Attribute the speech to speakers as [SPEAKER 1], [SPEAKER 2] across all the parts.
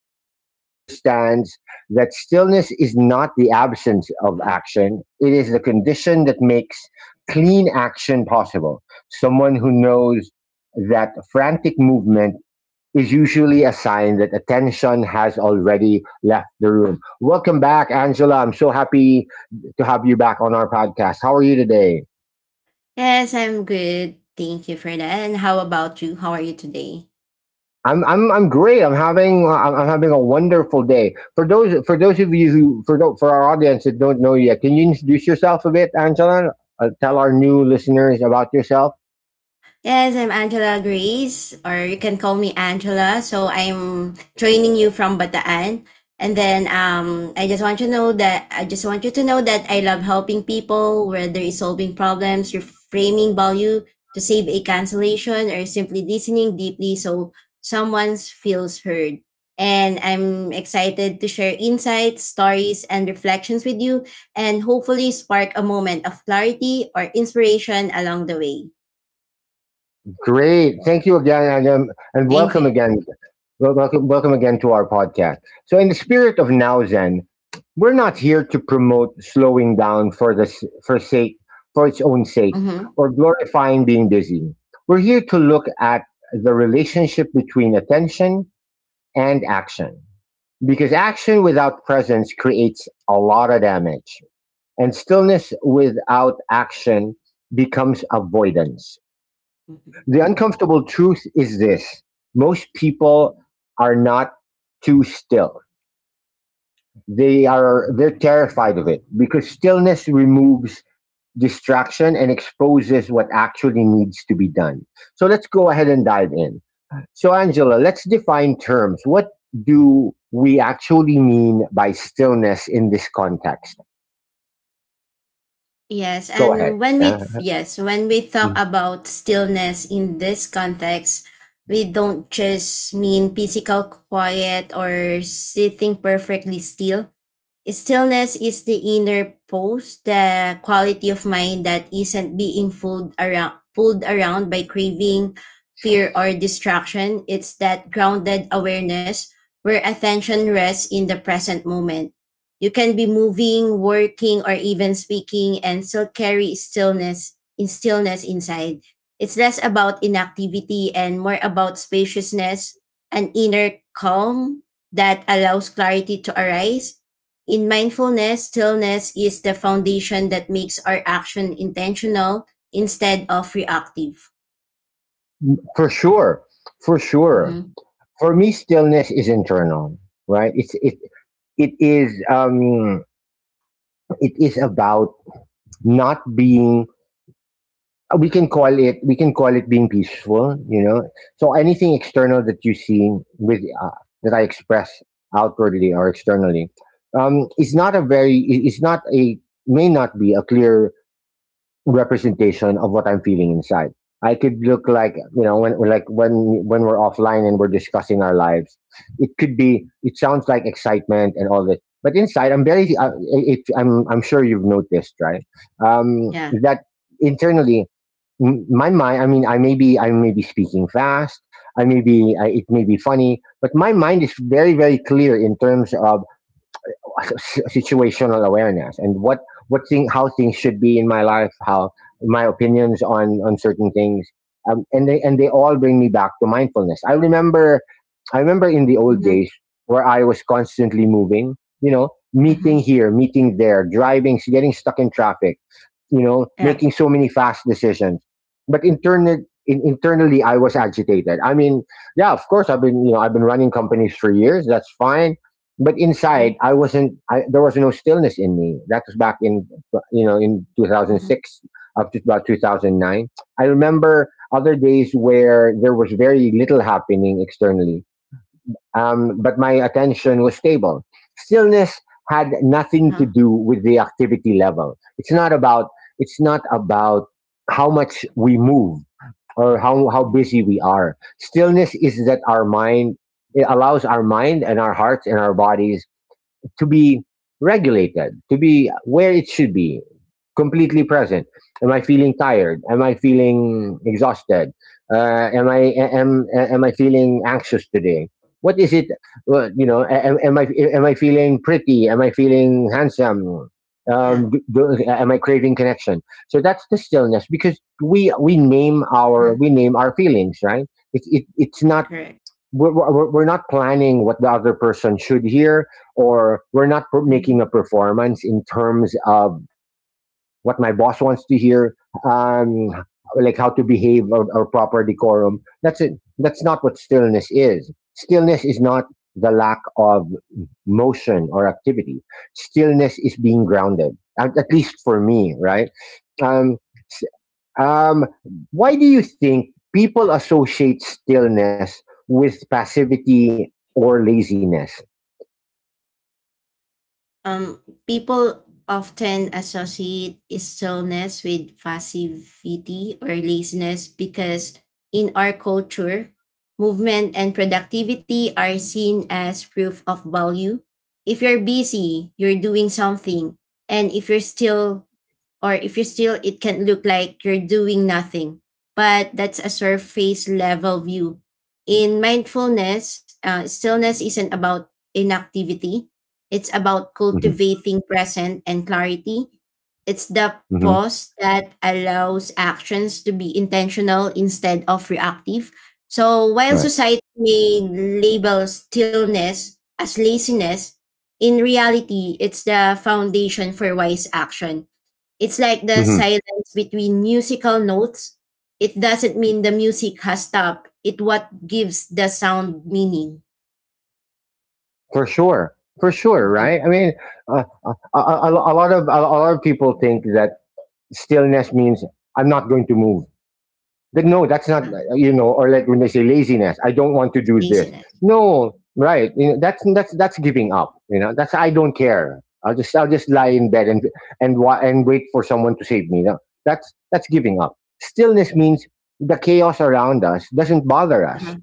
[SPEAKER 1] who understands that stillness is not the absence of
[SPEAKER 2] Huh?
[SPEAKER 1] action, it is the condition that makes clean action possible. Someone who knows that frantic movement is usually a sign that attention has already left the room. Welcome back, Angela. I'm so happy to have you back on our podcast. How are you today?
[SPEAKER 2] Yes, I'm good. Thank you for that. And how about you? How are you today?
[SPEAKER 1] I'm great. I'm having a wonderful day. For those of you who for our audience that don't know yet, can you introduce yourself a bit, Angela? Tell our new listeners about yourself.
[SPEAKER 2] Yes, I'm Angela Grace, or you can call me Angela. So I'm joining you from Bataan. And then I just want you to know that I just want you to know that I love helping people, whether it's solving problems, reframing value to save a cancellation, or simply listening deeply so someone feels heard. And I'm excited to share insights, stories, and reflections with you, and hopefully spark a moment of clarity or inspiration along the way.
[SPEAKER 1] Great. Thank you again, and
[SPEAKER 2] Thank
[SPEAKER 1] welcome
[SPEAKER 2] you.
[SPEAKER 1] again. Welcome again to our podcast. So, in the spirit of Now Zen, we're not here to promote slowing down for sake for its own sake
[SPEAKER 2] Mhm.
[SPEAKER 1] or glorifying being busy. We're here to look at the relationship between attention and action, because action without presence creates a lot of damage, and stillness without action becomes avoidance. The uncomfortable truth is this: most people are not too still. They're terrified of it because stillness removes distraction and exposes what actually needs to be done. So let's go ahead and dive in. So Angela, let's define terms. What do we actually mean by stillness in this context?
[SPEAKER 2] Yes,
[SPEAKER 1] Go ahead.
[SPEAKER 2] and when
[SPEAKER 1] Yeah.
[SPEAKER 2] we yes, when we talk
[SPEAKER 1] Mm.
[SPEAKER 2] about stillness in this context, we don't just mean physical quiet or sitting perfectly still. Stillness is the inner pose, the quality of mind that isn't being pulled around by craving, fear, or distraction. It's that grounded awareness where attention rests in the present moment. You can be moving, working, or even speaking and still carry stillness inside. It's less about inactivity and more about spaciousness, an inner calm that allows clarity to arise in mindfulness, stillness is the foundation that makes our action intentional instead of reactive.
[SPEAKER 1] For sure. For sure.
[SPEAKER 2] Mm-hmm.
[SPEAKER 1] For me, stillness is internal, right? It is it is about not being we can call it, being peaceful, you know. So anything external that you see with that I express outwardly or externally is not a very it's not a, may not be a clear representation of what I'm feeling inside. I could look like, you know, when we're offline and we're discussing our lives, it could be it sounds like excitement and all that, but inside I'm very I'm sure you've noticed, right? um,
[SPEAKER 2] Yeah.
[SPEAKER 1] that internally, my mind, I mean, I may be speaking fast. I may be I, It may be funny, but my mind is very, very clear in terms of situational awareness, and what thing how things should be in my life, how my opinions on certain things. And they all bring me back to mindfulness. I remember in the old
[SPEAKER 2] Mm-hmm.
[SPEAKER 1] days where I was constantly moving, you know, meeting
[SPEAKER 2] Mm-hmm.
[SPEAKER 1] here, meeting there, driving, getting stuck in traffic, you know,
[SPEAKER 2] Yeah.
[SPEAKER 1] making so many fast decisions, but internally, internally, I was agitated. I mean, yeah, of course, I've been, you know, I've been running companies for years. That's fine. But
[SPEAKER 2] Mm-hmm.
[SPEAKER 1] inside I wasn't. There was no stillness in me. That was back in, you know, in
[SPEAKER 2] Mm-hmm.
[SPEAKER 1] 2006 up to about 2009. I remember other days where there was very little happening externally, but my attention was stable. Stillness had nothing to
[SPEAKER 2] Uh-huh.
[SPEAKER 1] do with the activity level. It's not about how much we move or how
[SPEAKER 2] Mhm.
[SPEAKER 1] busy we are. Stillness is that our mind, it allows our mind and our hearts and our bodies to be regulated, to be where it should be, completely present. Am I feeling tired? Am I feeling exhausted? Am I, am I feeling anxious today? What is it? Well, you know, am I, am I feeling pretty? Am I feeling handsome?
[SPEAKER 2] Yeah.
[SPEAKER 1] Do, am I craving connection? So that's the stillness, because
[SPEAKER 2] Uh-huh.
[SPEAKER 1] we name our feelings, right? It's not,
[SPEAKER 2] Correct.
[SPEAKER 1] we're not planning what the other person should hear, or we're not
[SPEAKER 2] Mm-hmm.
[SPEAKER 1] making a performance in terms of what my boss wants to hear, um like how to behave, or proper decorum. That's it. That's not what stillness is. Stillness is not the lack of motion or activity. Stillness is being grounded, at least for me, right? um um, why do you think people associate stillness with passivity or laziness?
[SPEAKER 2] People often associate stillness with passivity or laziness because in our culture, movement and productivity are seen as proof of value. If you're busy, you're doing something. And if you're still or if you still it can look like you're doing nothing but that's a surface level view in mindfulness stillness isn't about inactivity, it's about
[SPEAKER 1] Hmm.
[SPEAKER 2] cultivating present and clarity. It's the
[SPEAKER 1] Hmm.
[SPEAKER 2] pause that allows actions to be intentional instead of reactive. So while
[SPEAKER 1] Right.
[SPEAKER 2] society may label stillness as laziness, in reality it's the foundation for wise action. It's like the
[SPEAKER 1] Hmm.
[SPEAKER 2] silence between musical notes. It doesn't mean the music has stopped. It what gives the sound meaning.
[SPEAKER 1] For sure,
[SPEAKER 2] Mhm.
[SPEAKER 1] right? I mean, a lot of people think that stillness means I'm not going to move. Like, no, that's not,
[SPEAKER 2] Mm,
[SPEAKER 1] you know, or like when they say laziness, I don't want to do this.
[SPEAKER 2] Laziness.
[SPEAKER 1] No, right. You know, that's giving up. You know, that's, I don't care. I'll just lie in bed and, and wait for someone to save me. No, that's giving up. Stillness means the chaos around us doesn't bother us.
[SPEAKER 2] Uh-huh.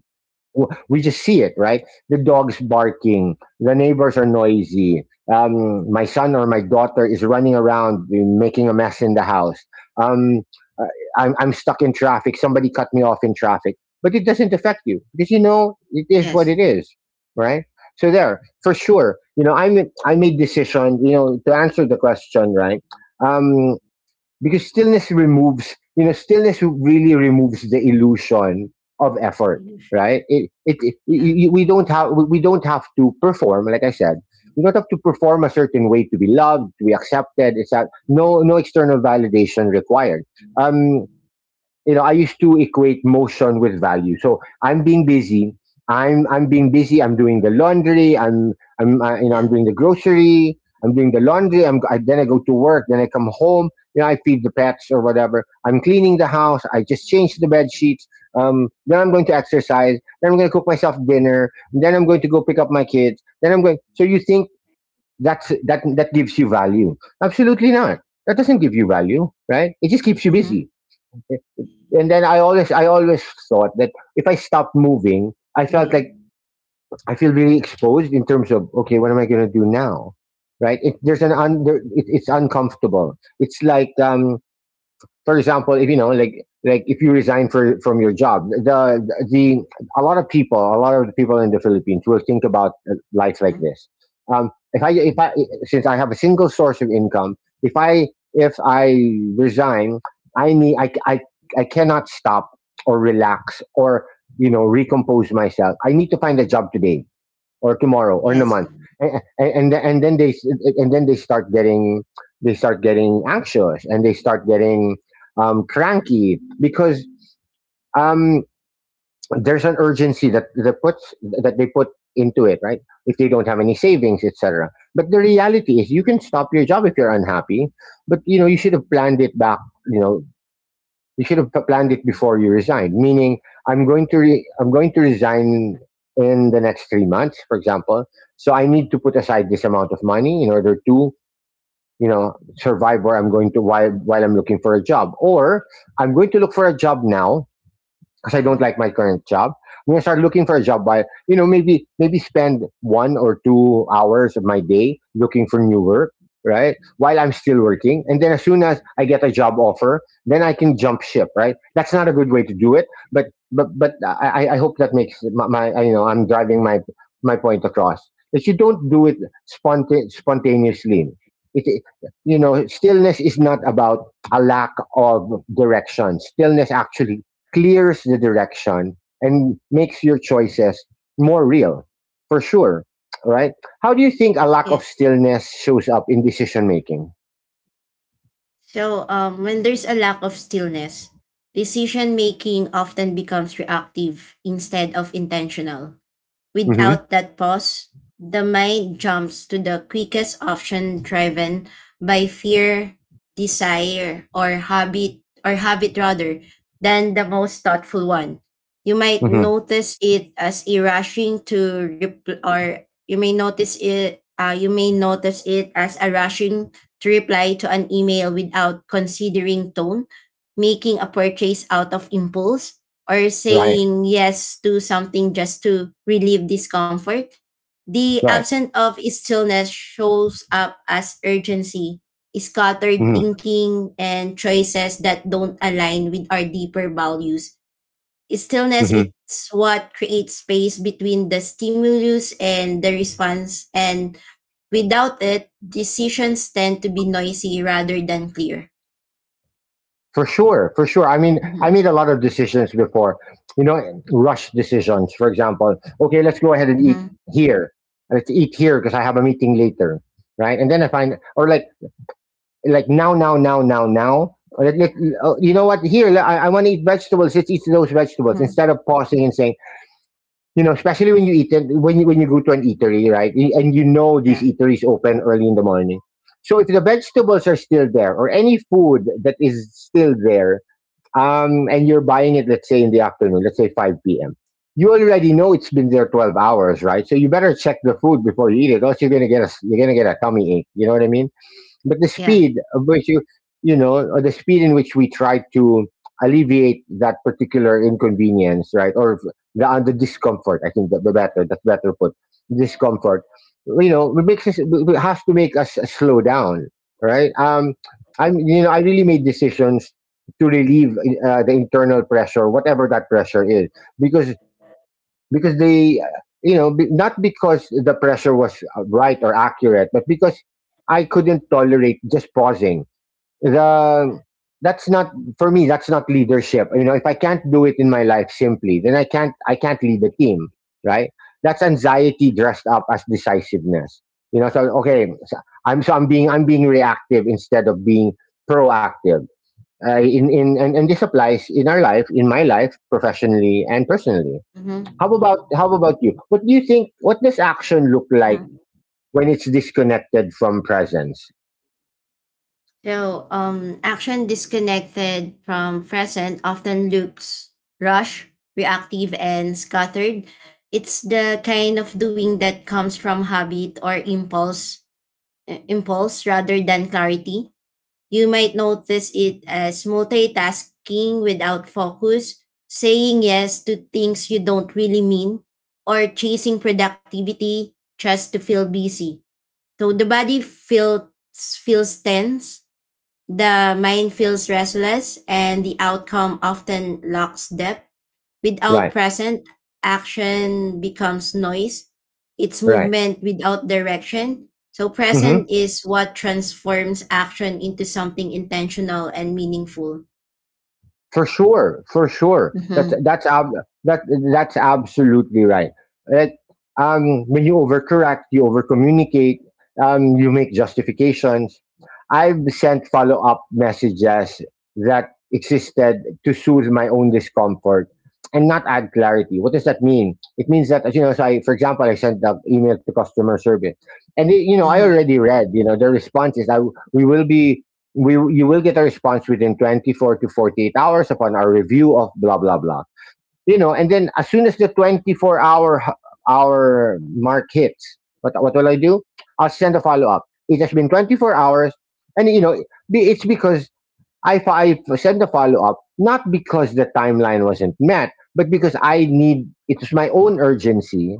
[SPEAKER 1] We just see it, right? The dog's barking, the neighbors are noisy, my son or my daughter is running around making a mess in the house. Um, uh, I'm, stuck in traffic, somebody cut me off in traffic, but it doesn't affect you because you know it is what
[SPEAKER 2] Yes.
[SPEAKER 1] it is, right? So there, for sure, you know, I made decision, you know, to answer the question, right? Um, because stillness removes, you know, stillness really removes the illusion of effort,
[SPEAKER 2] Finish.
[SPEAKER 1] right? it
[SPEAKER 2] Yeah.
[SPEAKER 1] We, don't have, we don't have to perform. Like I said, we don't have to perform a certain way to be loved, to be accepted. It's that,
[SPEAKER 2] Mm,
[SPEAKER 1] no external validation required. um you know, I used to equate motion with value. So I'm being busy, I'm being busy, I'm doing the laundry, you know,
[SPEAKER 2] Yeah.
[SPEAKER 1] I'm doing the grocery, I'm doing the laundry, then I go to work, then I come home, you know, I feed the pets or whatever, I'm cleaning the house, I just changed the bed sheets, then I'm going to exercise, then I'm going to cook myself dinner, then I'm going to go pick up my kids, then I'm going. So you think that's, that gives you value? Absolutely not. That doesn't give you value, right? It just keeps you
[SPEAKER 2] Mm-hmm.
[SPEAKER 1] busy. And then I always thought that if I stopped moving, I felt
[SPEAKER 2] Wait.
[SPEAKER 1] like I feel really exposed in terms of, okay, what am I going to do now? Right? There's an it's uncomfortable. It's like for example, if you know, like if you resign for from your job, the a lot of people, a lot of the people in the Philippines will think about life like
[SPEAKER 2] Huh?
[SPEAKER 1] this. If I, since I have a single source of income, if I if I resign, I need I cannot stop or relax or, you know, recompose myself. I need to find a job today or tomorrow or in
[SPEAKER 2] Yes.
[SPEAKER 1] a month. And then they, start getting, anxious, and they start getting cranky, because um, there's an urgency that that puts that they put into it, right, if they don't have any savings, etc. But the reality is, you can stop your job if you're unhappy, but, you know, you should have planned it back, you know, you should have planned it before you resigned. Meaning, I'm going to resign in the next 3 months, for example. So I need to put aside this amount of money in order to, you know, survive where I'm going to, while I'm looking for a job. Or I'm going to look for a job now because I don't
[SPEAKER 2] Mhm.
[SPEAKER 1] like my current job. I'm gonna start looking for a job by, you know, maybe spend 1 or 2 hours of my day looking for new work, right? While I'm still working, and then as soon as I get a job offer, then I can jump ship, right? That's not a good way to do it, but I hope that makes my, you know, I'm driving my, my point across. That you don't do it spontaneously. It, it- you know, stillness is not about a lack of direction. Stillness actually clears the direction and makes your choices more real, for sure. Right? How do you think a lack
[SPEAKER 2] Yeah.
[SPEAKER 1] of stillness shows up in decision making?
[SPEAKER 2] So when there's a lack of stillness, decision making often becomes reactive instead of intentional.
[SPEAKER 1] Hmm.
[SPEAKER 2] Without that pause, the mind jumps to the quickest option driven by fear, desire, or habit rather, than the most thoughtful one. You might
[SPEAKER 1] Hmm.
[SPEAKER 2] notice it as a rushing to repl- or you may notice it you may notice it as a rushing to reply to an email without considering tone, making a purchase out of impulse, or
[SPEAKER 1] Right.
[SPEAKER 2] saying yes to something just to relieve discomfort. The
[SPEAKER 1] Right.
[SPEAKER 2] absence of stillness shows up as urgency, scattered
[SPEAKER 1] Hmm.
[SPEAKER 2] thinking, and choices that don't align with our deeper values. Stillness
[SPEAKER 1] Hmm.
[SPEAKER 2] is what creates space between the stimulus and the response, and without it, decisions tend to be noisy rather than clear.
[SPEAKER 1] For sure. For sure. I mean, I
[SPEAKER 2] Mm-hmm.
[SPEAKER 1] made a lot of decisions before. You know, rush decisions. For example, okay, let's go ahead and eat
[SPEAKER 2] Mm-hmm.
[SPEAKER 1] here. Let's eat here because I have a meeting later. Right. And then I find, or like now, now, now, now, now. You know what? Here, I want to eat vegetables. Let's eat those vegetables
[SPEAKER 2] Mm-hmm.
[SPEAKER 1] instead of pausing and saying, especially when you eat it, when you go to an eatery, right? And you know these
[SPEAKER 2] Yeah.
[SPEAKER 1] eateries open early in the morning. So if the vegetables are still there or any food that is still there, and you're buying it, let's say in the afternoon, let's say 5 p.m., you already know it's been there 12 hours, right? So you better check the food before you eat it, or else you're gonna get a you're gonna get a tummy ache. You know what I mean? But the
[SPEAKER 2] Yeah.
[SPEAKER 1] speed of which you, or the speed in which we try to alleviate that particular inconvenience, right, or the discomfort. I think that the better that's better put discomfort. It makes us it has to make us slow down, right? I'm you know I really made decisions to relieve the internal pressure, whatever that pressure is, because because they, you know, be, not because the pressure was right or accurate, but because I couldn't tolerate just pausing. The that's not for me. That's not leadership. You know, if I can't do it in my life simply, then I can't. I can't lead the team, right? That's anxiety dressed up as decisiveness. You know, so okay, so I'm being reactive instead of being proactive. And this applies in our life, in my life, professionally and personally. How
[SPEAKER 2] Mm-hmm.
[SPEAKER 1] about how about you? What do you think? What does action look like
[SPEAKER 2] Mm-hmm.
[SPEAKER 1] when it's disconnected from presence?
[SPEAKER 2] Action disconnected from present often looks rushed, reactive, and scattered. It's the kind of doing that comes from habit or impulse, impulse rather than clarity. You might notice it as multitasking without focus, saying yes to things you don't really mean, or chasing productivity just to feel busy. So the body feels feels tense, the mind feels restless, and the outcome often lacks depth. Without
[SPEAKER 1] Right,
[SPEAKER 2] present, action becomes noise. It's
[SPEAKER 1] right.
[SPEAKER 2] movement without direction. So,
[SPEAKER 1] Mhm.
[SPEAKER 2] present is what transforms action into something intentional and meaningful.
[SPEAKER 1] For sure, for sure.
[SPEAKER 2] Mm-hmm.
[SPEAKER 1] That that's absolutely right. That when you overcorrect, you overcommunicate, you make justifications. I've sent follow up messages that existed to soothe my own discomfort and not add clarity. What does that mean? It means that so I, for example, I sent an email to customer service, and I
[SPEAKER 2] Mm-hmm.
[SPEAKER 1] already read, their response is, "I we will be." we you will get a response within 24 to 48 hours upon our review of blah blah blah. You know, and then as soon as the 24 hour hour mark hits, what will I do? I'll send a follow up it has been 24 hours. And you know, it's because I sent a follow up not because the timeline wasn't met, but because I need it was my own urgency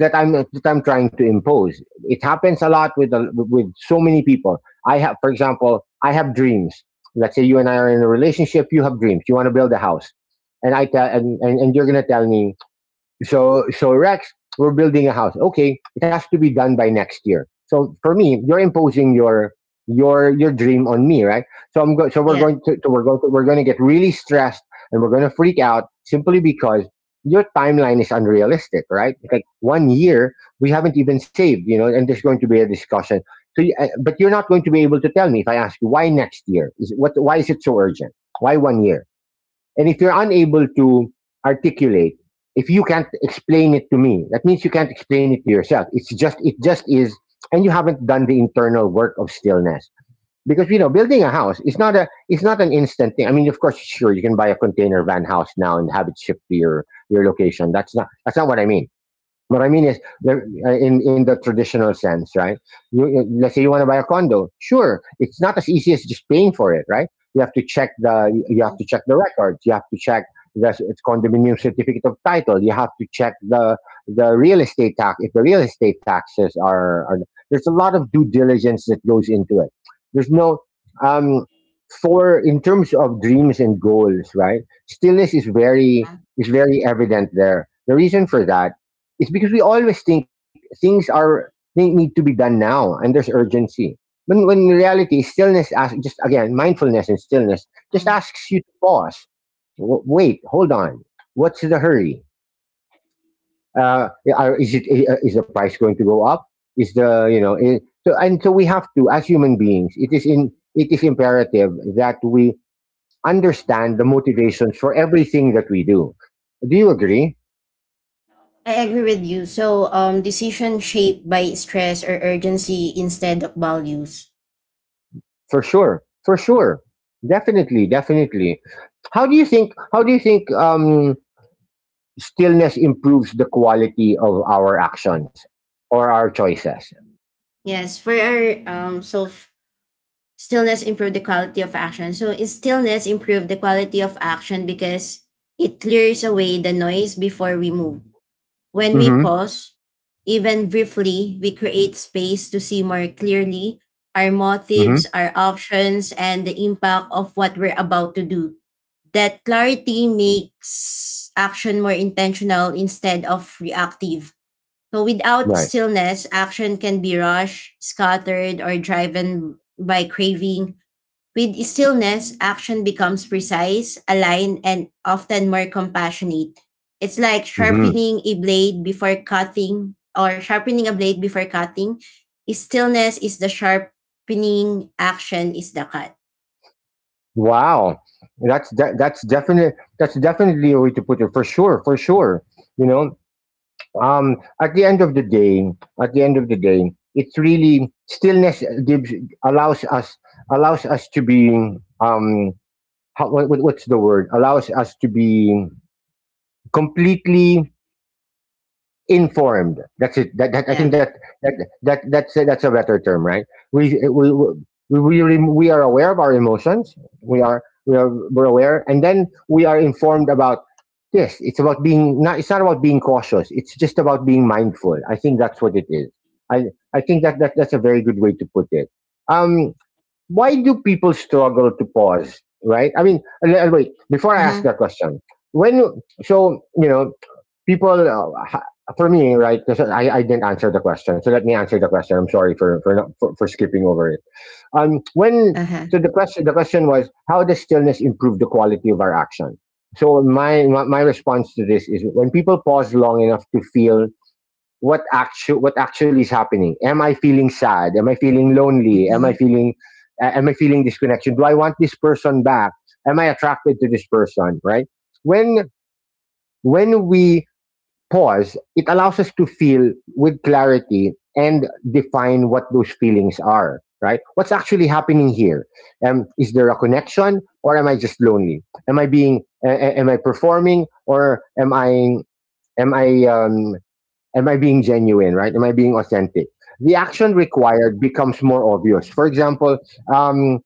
[SPEAKER 1] that I'm trying to impose. It happens a lot with with so many people. I have, for example, I have dreams. Let's say you and I are in a relationship. You have dreams. You want to build a house, and I tell and you're gonna tell me so, Rex, we're building a house. Okay, it has to be done by next year. So for me, you're imposing your dream on me, right? So we're
[SPEAKER 2] Yeah.
[SPEAKER 1] going to, we're going to, we're going to get really stressed and we're going to freak out simply because your timeline is unrealistic, right? Like one year, we haven't even saved, you know, and there's going to be a discussion. So, but you're not going to be able to tell me. If I ask you why next year, is it- what why is it so urgent? Why one year? And if you're unable to articulate, if you can't explain it to me, that means you can't explain it to yourself. It just is, and you haven't done the internal work of stillness. Because you know, building a house is not a it's not an instant thing. I mean, of course, sure, you can buy a container van house now and have it shipped to your location. That's not what I mean. What I mean is, the- in the traditional sense, right? Let's say you want to buy a condo. Sure, it's not as easy as just paying for it, right? You have to check the records. You have to check it's condominium certificate of title. You have to check the real estate tax, if the real estate taxes are — there's a lot of due diligence that goes into it. There's no um, for in terms of dreams and goals, right? Stillness is very evident there. The reason for that, it's because we always think things are think need to be done now, and there's urgency. When in reality, stillness asks, just again, mindfulness and stillness just
[SPEAKER 2] Mhm.
[SPEAKER 1] asks you to pause. Wait, hold on. What's the hurry? Uh, is it is the price going to go up? Is the you know? I- so and so we have to, as human beings, it is in it is imperative that we understand the motivations for everything that we do. Do you agree?
[SPEAKER 2] I agree with you. Decision shaped by stress or urgency instead of values.
[SPEAKER 1] For sure. For sure. Definitely, definitely. How do you think stillness improves the quality of our actions or our choices?
[SPEAKER 2] Yes, for our so. Stillness improve the quality of action. So is stillness improve the quality of action because it clears away the noise before we move. When we
[SPEAKER 1] Mhm.
[SPEAKER 2] pause, even briefly, we create space to see more clearly our
[SPEAKER 1] Mhm.
[SPEAKER 2] motives, our options, and the impact of what we're about to do. That clarity makes action more intentional instead of reactive. So without
[SPEAKER 1] Right.
[SPEAKER 2] stillness, action can be rushed, scattered, or driven by craving. With stillness, action becomes precise, aligned, and often more compassionate. It's like
[SPEAKER 1] Mhm.
[SPEAKER 2] sharpening a blade before cutting. Stillness is the sharpening, action is the cut.
[SPEAKER 1] Wow. That's definitely a way to put it, for sure, for sure. You know, at the end of the day, at the end of the day, it's really stillness gives allows us allows us to be, um how, what's the word, allows us to be completely informed. That's it. That I think
[SPEAKER 2] Yeah.
[SPEAKER 1] that that that that's a better term, right? we we we we, really, we are aware of our emotions. We're aware, and then we are informed about this. It's about being — not, it's not about being cautious, it's just about being mindful. I think that's what it is. i I think that that's a very good way to put it. um why do people struggle to pause, right? I mean, and wait, before I
[SPEAKER 2] Uh
[SPEAKER 1] ask that
[SPEAKER 2] huh.
[SPEAKER 1] question, when — so you know, people uh, ha- for me, right? Because I didn't answer the question, so let me answer the question. I'm sorry for, not, for skipping over it.
[SPEAKER 2] Uh
[SPEAKER 1] When —
[SPEAKER 2] huh.
[SPEAKER 1] so the question, the question was, how does stillness improve the quality of our action? So my response to this is, when people pause long enough to feel what actually is happening. Am I feeling sad? Am I feeling
[SPEAKER 2] Uh
[SPEAKER 1] lonely?
[SPEAKER 2] huh.
[SPEAKER 1] Am I feeling disconnection? Do I want this person back? Am I attracted to this person? Right? When when we pause, it allows us to feel with clarity and define what those feelings are. Right? What's actually happening here? Is there a connection, or am I just lonely? Am I performing, or am I? Am I? Um, Am I being genuine, right? Am I being authentic? The action required becomes more obvious. For example, um,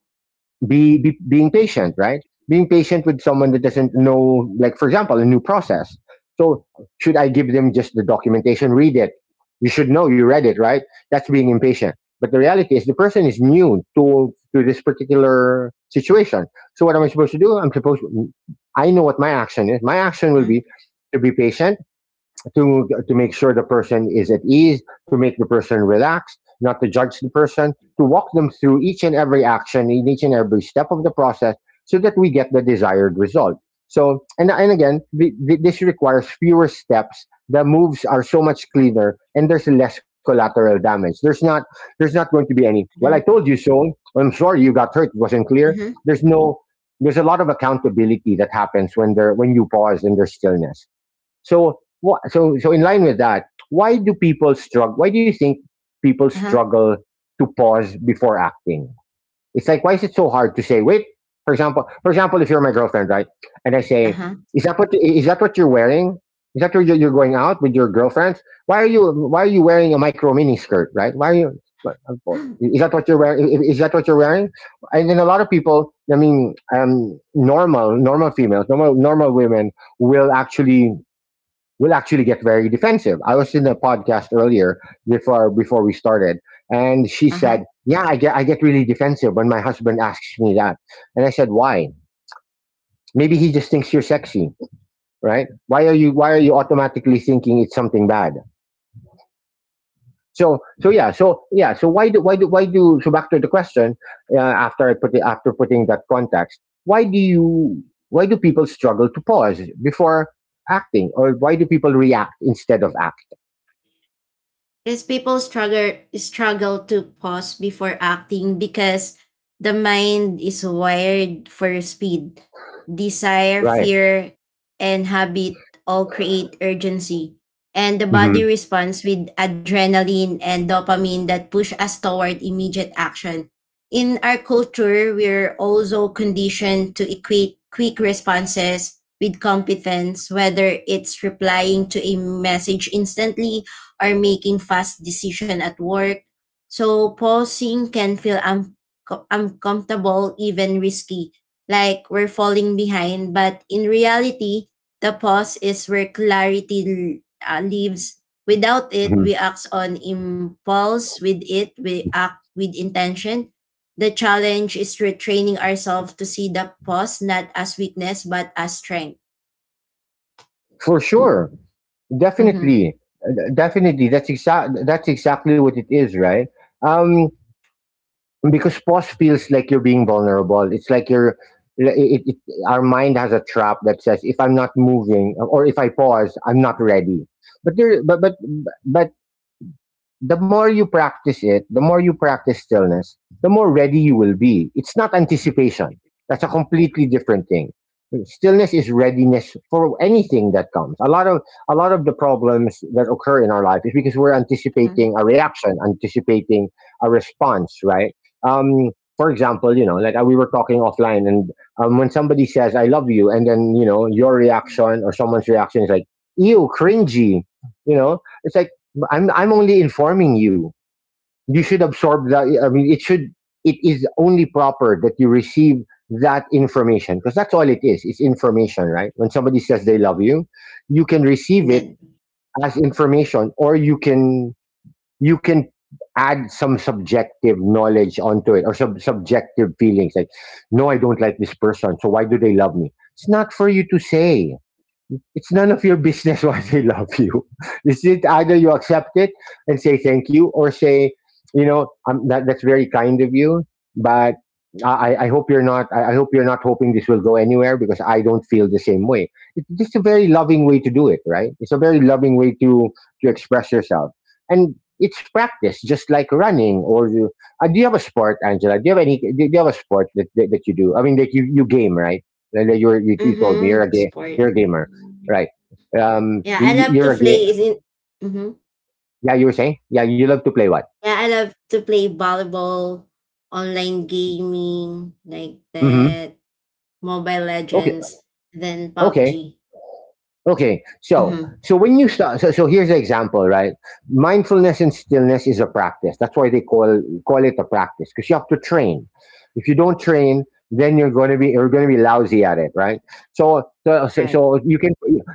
[SPEAKER 1] be being patient, right? Being patient with someone that doesn't know, like for example, a new process. So should I give them just the documentation, read it? You should know, you read it, right? That's being impatient. But the reality is, the person is new to this particular situation. So what am I supposed to do? I know what my action is. My action will
[SPEAKER 2] Uh
[SPEAKER 1] be to be patient, to make sure the person is at ease, to make the person relaxed, not to judge the person, to walk them through each and every action, in each and every step of the process, so that we get the desired result. So, and again, this requires fewer steps. The moves are so much cleaner, and there's less collateral damage. There's not going to be any, "Well, I
[SPEAKER 2] huh.
[SPEAKER 1] told you so. I'm sorry you got hurt. It wasn't clear."
[SPEAKER 2] Mm-hmm.
[SPEAKER 1] There's no there's a lot of accountability that happens when you pause and there's stillness. So what? So in line with that, why do people struggle? Why do you think people
[SPEAKER 2] Uh-huh.
[SPEAKER 1] struggle to pause before acting? It's like, why is it so hard to say wait? For example, if you're my girlfriend, right, and I say,
[SPEAKER 2] Uh-huh.
[SPEAKER 1] is that — what is that what you're wearing? Is that where you're — you're going out with your girlfriends? Why are you wearing a micro mini skirt, right? Why are you? Is that what you're wearing? Is that what you're wearing? And then a lot of people, I mean, normal, normal females, normal women will actually will actually get very defensive. I was in a podcast earlier before we started, and she
[SPEAKER 2] Uh-huh.
[SPEAKER 1] said, "Yeah, I get really defensive when my husband asks me that." And I said, "Why? Maybe he just thinks you're sexy, right?" Why are you why are you automatically thinking it's something bad? So why do so back to the question uh, after I put it after putting that context, why do you why do people struggle to pause before acting? Or why do people react instead of act,
[SPEAKER 2] Because people struggle to pause before acting because the mind is wired for speed. Desire,
[SPEAKER 1] right?
[SPEAKER 2] fear, and habit all create urgency. And the body
[SPEAKER 1] Mhm.
[SPEAKER 2] responds with adrenaline and dopamine that push us toward immediate action. In our culture, we're also conditioned to equate quick responses with competence, whether it's replying to a message instantly or making fast decision at work. So pausing can uncomfortable, even risky, like we're falling behind. But in reality, the pause is where clarity lives. Without it,
[SPEAKER 1] Mhm.
[SPEAKER 2] we act on impulse. With it, we act with intention. The challenge is retraining ourselves to see the pause not as weakness but as strength.
[SPEAKER 1] For sure,
[SPEAKER 2] Mm-hmm.
[SPEAKER 1] definitely, definitely. That's exactly what it is, right? Um, because pause feels like you're being vulnerable. It's like you're. It, it, our mind has a trap that says if I'm not moving or if I pause, I'm not ready. But there, but but but the more you practice it, the more you practice stillness, the more ready you will be. It's not anticipation. That's a completely different thing. Stillness is readiness for anything that comes. A lot of the problems that occur in our life is because we're anticipating a reaction, anticipating a response, right? Um, for example, like we were talking offline, and when somebody says "I love you," and then you know your reaction or someone's
[SPEAKER 2] And
[SPEAKER 1] reaction is like "ew, cringy," you know, it's like I'm only informing you. You should absorb that. I mean, it should. It is only proper that you receive that information because that's all it is. It's information, right? When somebody says they love you, you can receive it
[SPEAKER 2] then
[SPEAKER 1] as information, or you can add some subjective knowledge onto it or some subjective feelings like no, I don't like this person, so why do they love me? It's not for you to say. It's none of your business why they love you. It's it either you accept it and say thank you, or say, that's very kind of you, but I hope you're not. I hope you're not hoping this will go anywhere because I don't feel the same way. It's just a very loving way to do it, right? It's a very loving way to express yourself, and it's practice, just like running. Do you have a sport, Angela? Do you have any? Do you have a sport that, you do? I mean, that you game, right? And that you're, you told me you're a
[SPEAKER 2] Mhm,
[SPEAKER 1] you're
[SPEAKER 2] sport.
[SPEAKER 1] a gamer. Right.
[SPEAKER 2] Mm. Yeah, I
[SPEAKER 1] Are
[SPEAKER 2] love
[SPEAKER 1] a
[SPEAKER 2] to
[SPEAKER 1] game.
[SPEAKER 2] play is in mhm.
[SPEAKER 1] Yeah, you were saying. Yeah, you love to play what?
[SPEAKER 2] Yeah, I love to play volleyball, online gaming, like
[SPEAKER 1] Mm-hmm.
[SPEAKER 2] that, Mobile
[SPEAKER 1] Okay.
[SPEAKER 2] Legends, then PUBG.
[SPEAKER 1] Okay. Okay,
[SPEAKER 2] Mhm,
[SPEAKER 1] when you start, so here's the example, right? Mindfulness and stillness is a practice. That's why they call it a practice because you have to train. If you don't train, then you're going to be lousy at it, right? So so so
[SPEAKER 2] correct.
[SPEAKER 1] so you can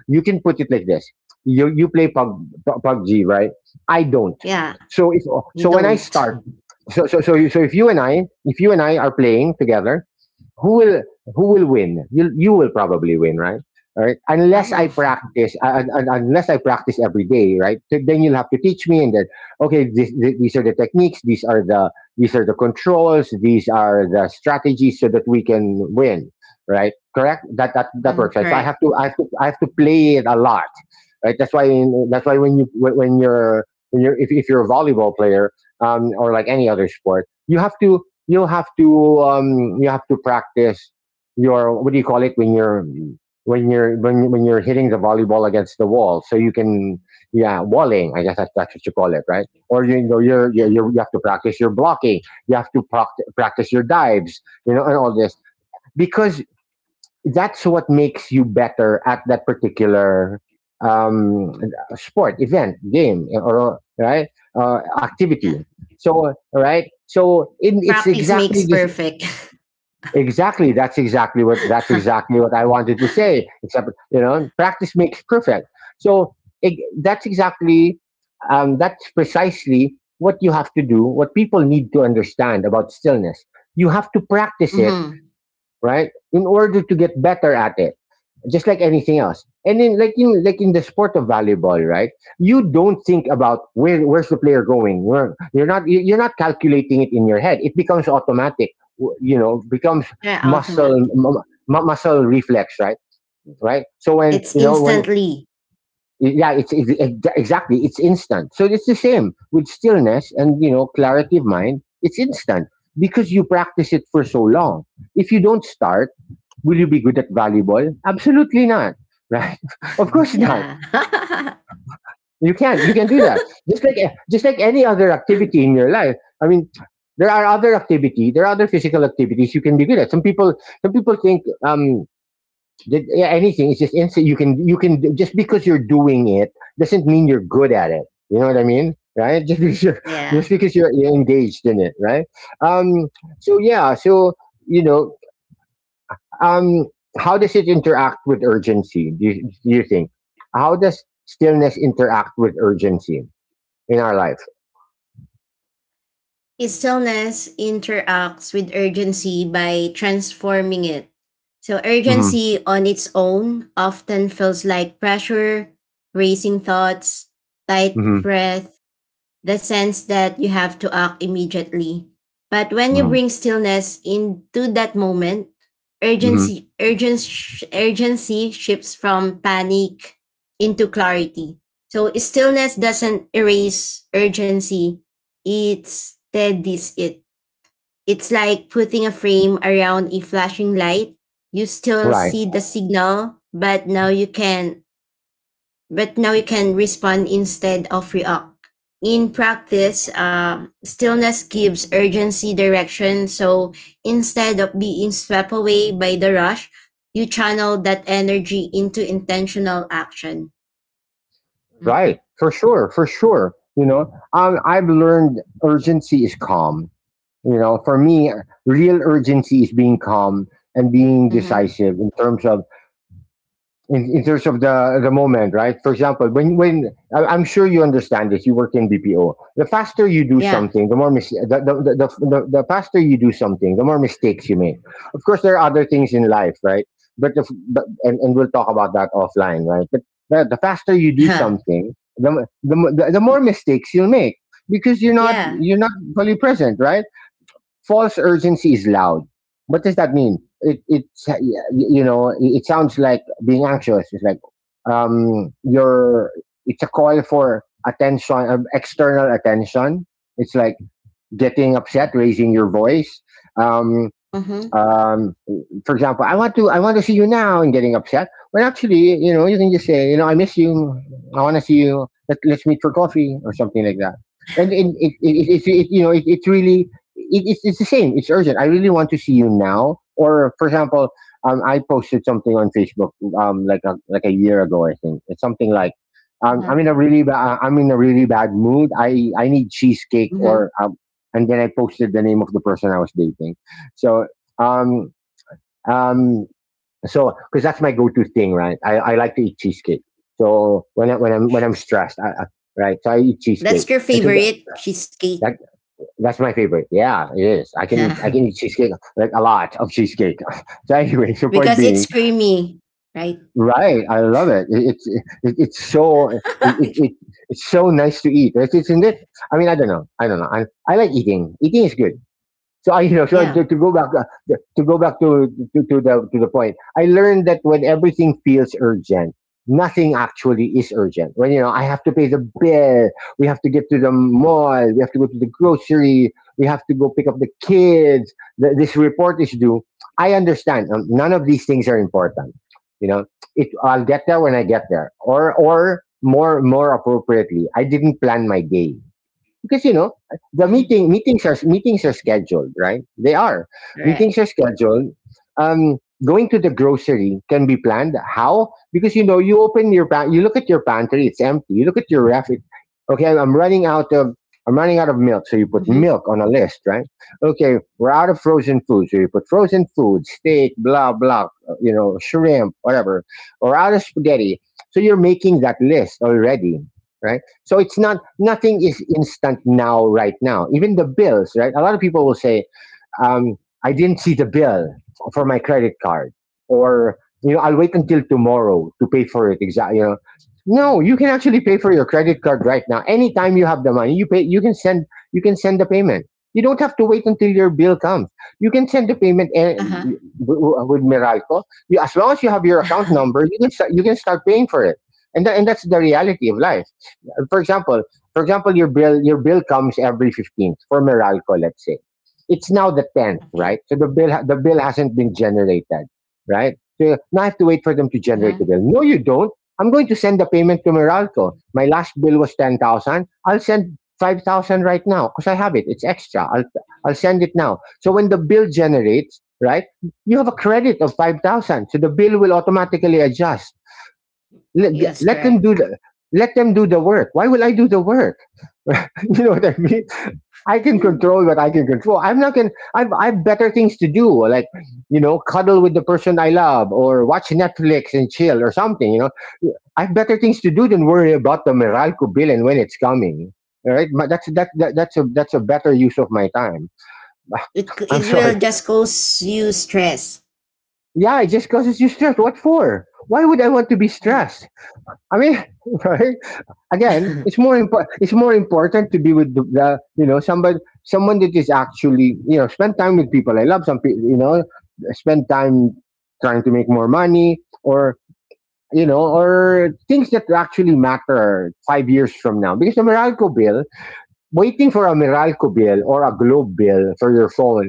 [SPEAKER 1] put it like this: you play PUBG, right? I don't.
[SPEAKER 2] Yeah,
[SPEAKER 1] So if
[SPEAKER 2] you
[SPEAKER 1] so when I
[SPEAKER 2] don't.
[SPEAKER 1] start, if you and I are playing together, who will win? You will probably win, right? Right?
[SPEAKER 2] I
[SPEAKER 1] Unless I
[SPEAKER 2] will.
[SPEAKER 1] practice, unless I practice every day, right? So then you'll have to teach me, and then okay, these are the techniques, these are the controls, these are the strategies, so that we can win, right? Correct? That
[SPEAKER 2] Mm,
[SPEAKER 1] works, right? So
[SPEAKER 2] correct.
[SPEAKER 1] I have to play it a lot, right? That's why when you when you're if you're a volleyball player, or like any other sport, you have to you have to practice your what do you call it when you're when you're hitting the volleyball against the wall so you can yeah, walling, I guess, that's what you call it, right? Or you know, you're
[SPEAKER 2] Yeah,
[SPEAKER 1] you have to practice your blocking, you have to practice your dives, you know, and all this because that's what makes you better at that particular um sport, event, game, or right,
[SPEAKER 2] yeah.
[SPEAKER 1] activity. So right, it's
[SPEAKER 2] Practice makes
[SPEAKER 1] exactly this.
[SPEAKER 2] perfect.
[SPEAKER 1] Exactly. That's exactly what I wanted to say. Except you know, practice makes perfect. So that's exactly that's precisely what you have to do. What people need to understand about stillness, you have to practice it,
[SPEAKER 2] mm-hmm.
[SPEAKER 1] right? In order to get better at it, just like anything else. And then, like in the sport of volleyball, right? You don't think about where's the player going. Where You're not you're not calculating it in your head. It becomes automatic. You know, becomes
[SPEAKER 2] They're
[SPEAKER 1] muscle
[SPEAKER 2] automatic.
[SPEAKER 1] mu- muscle reflex, right? Right. So when
[SPEAKER 2] It's
[SPEAKER 1] you know when
[SPEAKER 2] instantly.
[SPEAKER 1] yeah, it's exactly it's instant. So it's the same with stillness and you know clarity of mind. It's instant because you practice it for so long. If you don't start, will you be good at volleyball? Absolutely not. Right? Of course not.
[SPEAKER 2] Yeah.
[SPEAKER 1] You can't. You can do that. Just like any other activity in your life. I mean, there are other activity. There are other physical activities you can be good at. Some people think um that yeah, anything is just instant. You can just because you're doing it doesn't mean you're good at it. You know what I mean? Right? Just
[SPEAKER 2] yeah.
[SPEAKER 1] because you're engaged in it. Right? Um. So yeah. So you know, Um, how does it interact with urgency? Do you think? How does stillness interact with urgency in our life?
[SPEAKER 2] Stillness interacts with urgency by transforming it. So,
[SPEAKER 1] Hmm.
[SPEAKER 2] urgency on its own often feels like pressure, racing thoughts, tight
[SPEAKER 1] Hmm.
[SPEAKER 2] breath, the sense that you have to act immediately. But when you
[SPEAKER 1] Hmm.
[SPEAKER 2] bring stillness into that moment,
[SPEAKER 1] Hmm.
[SPEAKER 2] urgency shifts from panic into clarity. So stillness doesn't erase urgency. It steadies it. It's like putting a frame around a flashing light. You still
[SPEAKER 1] Right,
[SPEAKER 2] see the signal, but now you can respond instead of react. In practice, stillness gives urgency direction. So instead of being swept away by the rush, you channel that energy into intentional action. Mm-hmm.
[SPEAKER 1] right, for sure, You know, I've learned urgency is calm. You know, for me, real urgency is being calm and being
[SPEAKER 2] Mm-hmm.
[SPEAKER 1] decisive in terms of in terms of the moment, right? For example, when I'm sure you understand this, you work in BPO. The faster you do
[SPEAKER 2] Yeah.
[SPEAKER 1] something, the more mis- the faster you do something, the more mistakes you make. Of course, there are other things in life, right? But if but and we'll talk about that offline, right? But the faster you do
[SPEAKER 2] Huh.
[SPEAKER 1] something, the, m- the m- the more mistakes you'll make because
[SPEAKER 2] yeah.
[SPEAKER 1] you're not fully present, right? False urgency is loud. What does that mean? It's you know, it sounds like being anxious. It's like you're it's a call for attention, external attention. It's like getting upset, raising your voice. Um,
[SPEAKER 2] Mm-hmm.
[SPEAKER 1] um, for example, I want to see you now and getting upset. Well, actually, you know, you can just say, you know, I miss you. I want to see you. Let's meet for coffee or something like that. And it you know, it's really it's the same. It's urgent. I really want to see you now. Or for example, I posted something on Facebook like a year ago, I think. It's something like.
[SPEAKER 2] Uh-huh.
[SPEAKER 1] I'm in a really I'm in a really bad mood. I need cheesecake,
[SPEAKER 2] Mm-hmm.
[SPEAKER 1] or and then I posted the name of the person I was dating. So um, um, so because that's my go-to thing, right? I like to eat cheesecake. So when I'm stressed, right? So I eat cheesecake,
[SPEAKER 2] That's your
[SPEAKER 1] and so the,
[SPEAKER 2] favorite cheesecake.
[SPEAKER 1] that that's my favorite. Yeah, it is. I can eat cheesecake like a lot of cheesecake. So anyway, so point
[SPEAKER 2] Because it's
[SPEAKER 1] being,
[SPEAKER 2] creamy, right?
[SPEAKER 1] right? I love it. It's it it's so nice to eat, right? Isn't it? I mean, I don't know. I don't know. I like eating. Eating is good. So I, you know, so
[SPEAKER 2] Yeah.
[SPEAKER 1] to go back, to go back to, to to the point, I learned that when everything feels urgent, nothing actually is urgent. When you know, I have to pay the bill, we have to get to the mall, we have to go to the grocery, we have to go pick up the kids. Th This report is due. I understand. None of these things are important. You know, it. I'll get there when I get there, or more appropriately, I didn't plan my day. Because you know the
[SPEAKER 2] Mm,
[SPEAKER 1] meeting meetings are scheduled, right? They are meetings are
[SPEAKER 2] correct.
[SPEAKER 1] scheduled. Um, Going to the grocery can be planned. How? Because you know you you look at your pantry, it's empty. You look at your ref, okay, I'm running out of milk, so you put
[SPEAKER 2] Mm-hmm.
[SPEAKER 1] milk on a list, right? Okay, we're out of frozen food, so you put frozen food, steak, blah blah, you know, shrimp, whatever. Or out of spaghetti, so you're making that list already, right? So it's not nothing is instant now, right now. Even the bills, right? A lot of people will say um, I didn't see the bill for my credit card, or I'll wait until tomorrow to pay for it. Exactly. No, you can actually pay for your credit card right now. Anytime you have the money, you pay. You can send the payment. You don't have to wait until your bill comes. You can send the payment
[SPEAKER 2] Uh
[SPEAKER 1] with Meralco. As long as you have your account
[SPEAKER 2] huh.
[SPEAKER 1] number, you can start paying for it. And that's the reality of life. For example, for example, your bill comes every 15th for Meralco, let's say it's now the 10th,
[SPEAKER 2] okay.
[SPEAKER 1] right? So the bill hasn't been generated, right? So now I have to wait for them to
[SPEAKER 2] Mm-hmm.
[SPEAKER 1] generate the bill. No, you don't. I'm going to send the payment to Meralco. My last bill was 10,000. I'll send 5,000 right now because I have it. It's extra. I'll send it now. So when the bill generates, right, you have a credit of 5,000. So the bill will automatically adjust. Let,
[SPEAKER 2] Yes,
[SPEAKER 1] let them
[SPEAKER 2] correct.
[SPEAKER 1] do the, let them do the work. Why will I do the work? You know what I mean? I can control what I can control. I'm not going I've better things to do, like cuddle with the person I love or watch Netflix and chill or something. I've better things to do than worry about the Meralco bill and when it's coming. All right? But that's that, that that's a better use of my time. I'm
[SPEAKER 2] It
[SPEAKER 1] sorry.
[SPEAKER 2] will just cause you stress.
[SPEAKER 1] Yeah, it just causes you stress. What for? Why would I want to be stressed? I mean, right? Again, it's
[SPEAKER 2] Mhm.
[SPEAKER 1] more impo- it's more important to be with the somebody someone that is actually spend time with people I love. Some people spend time trying to make more money, or or things that actually matter 5 years from now, because a Meralco bill waiting for a Meralco bill or a Globe bill for your phone,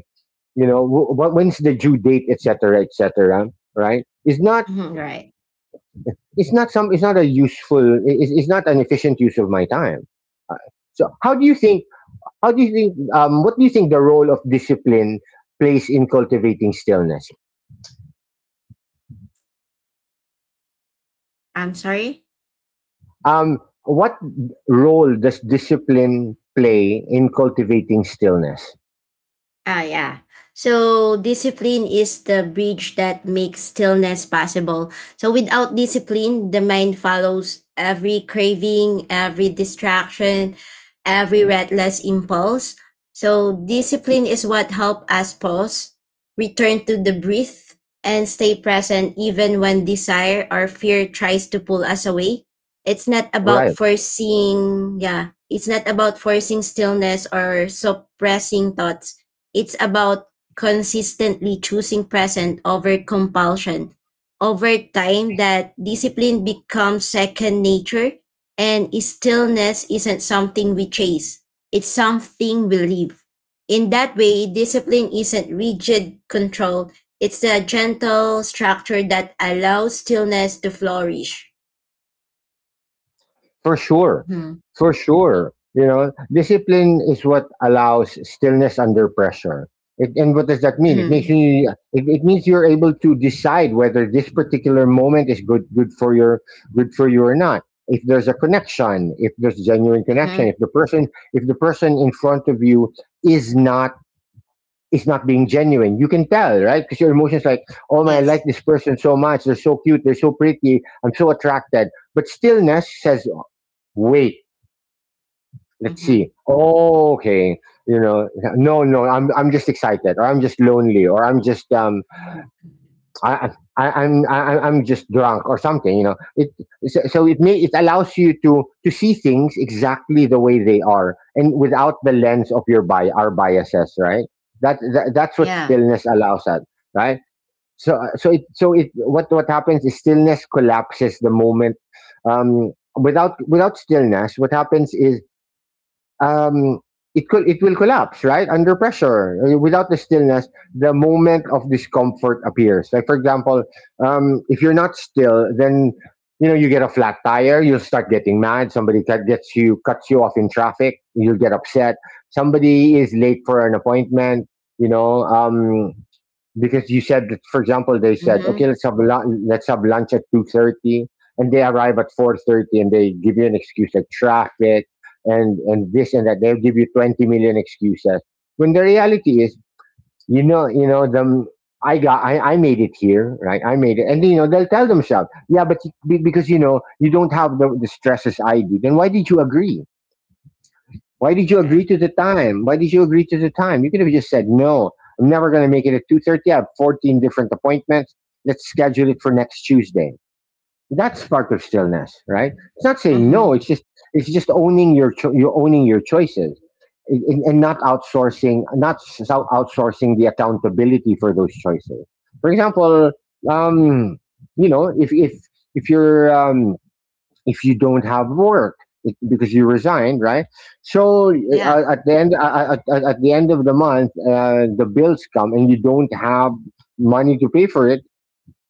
[SPEAKER 1] when's the due date, etc, etc, right? Is not,
[SPEAKER 2] Mhm, Right.
[SPEAKER 1] it's, not a useful, it's not an efficient use of my time. so how do you think How do you think? What do you think the role of discipline plays in cultivating stillness?
[SPEAKER 2] I'm sorry.
[SPEAKER 1] What role does discipline play in cultivating stillness?
[SPEAKER 2] Ah, yeah. So discipline is the bridge that makes stillness possible. So without discipline, the mind follows every craving, every distraction, every reckless impulse. So discipline is what helps us pause, return to the breath, and stay present even when desire or fear tries to pull us away. It's not about
[SPEAKER 1] Right.
[SPEAKER 2] forcing, yeah, it's not about forcing stillness or suppressing thoughts. It's about consistently choosing present over compulsion. Over time, that discipline becomes second nature, and stillness isn't something we chase, it's something we live. In that way, discipline isn't rigid control, it's the gentle structure that allows stillness to flourish.
[SPEAKER 1] For sure.
[SPEAKER 2] Mhm.
[SPEAKER 1] For sure. Discipline is what allows stillness under pressure. And what does that mean? It makes
[SPEAKER 2] Mhm.
[SPEAKER 1] you it, it means you're able to decide whether this particular moment is good for you or not. If there's a connection, if there's genuine connection,
[SPEAKER 2] Mhm.
[SPEAKER 1] if the person in front of you is not is not being genuine. You can tell, right? Because your emotions like, oh man, I like
[SPEAKER 2] Yes.
[SPEAKER 1] this person so much. They're so cute. They're so pretty. I'm so attracted. But stillness says, wait, let's see.
[SPEAKER 2] Mhm.
[SPEAKER 1] Oh, okay. You know, no, no, I'm just excited, or I'm just lonely, or I'm just, I, I'm just drunk or something. It so, so it may it allows you to see things exactly the way they are, and without the lens of your bi our biases, right? That's what
[SPEAKER 2] Yeah.
[SPEAKER 1] stillness allows us, right? So so it what happens is stillness collapses the moment. Without stillness, what happens is, um, it will collapse right under pressure. Without the stillness, the moment of discomfort appears, like, for example, if you're not still, then you get a flat tire, you'll start getting mad. Somebody cuts you off in traffic, you'll get upset. Somebody is late for an appointment, you know um, because you said that, for example, they said, okay,
[SPEAKER 2] hmm
[SPEAKER 1] let's have lunch. Let's have lunch at 2:30, and they arrive at 4:30, and they give you an excuse like traffic and this and that. They'll give you 20 million excuses. When the reality is, you know the I made it here, right? I made it, and they'll tell themselves, yeah, but because you don't have the stresses I do, then why did you agree? Why did you
[SPEAKER 2] All
[SPEAKER 1] agree
[SPEAKER 2] right.
[SPEAKER 1] to the time? Why did you agree to the time? You could have just said, no, I'm never going to make it at 2:30. I have 14 different appointments. Let's schedule it for next Tuesday. That's part of stillness, right? It's not saying no.
[SPEAKER 2] Mm-hmm.
[SPEAKER 1] It's just owning your choices, and not outsourcing the accountability for those choices. For example, um, you know, if if if you're um, if you don't have work, because you resigned, right? So
[SPEAKER 2] Yeah.
[SPEAKER 1] at, the end of the month, the bills come and you don't have money to pay for it.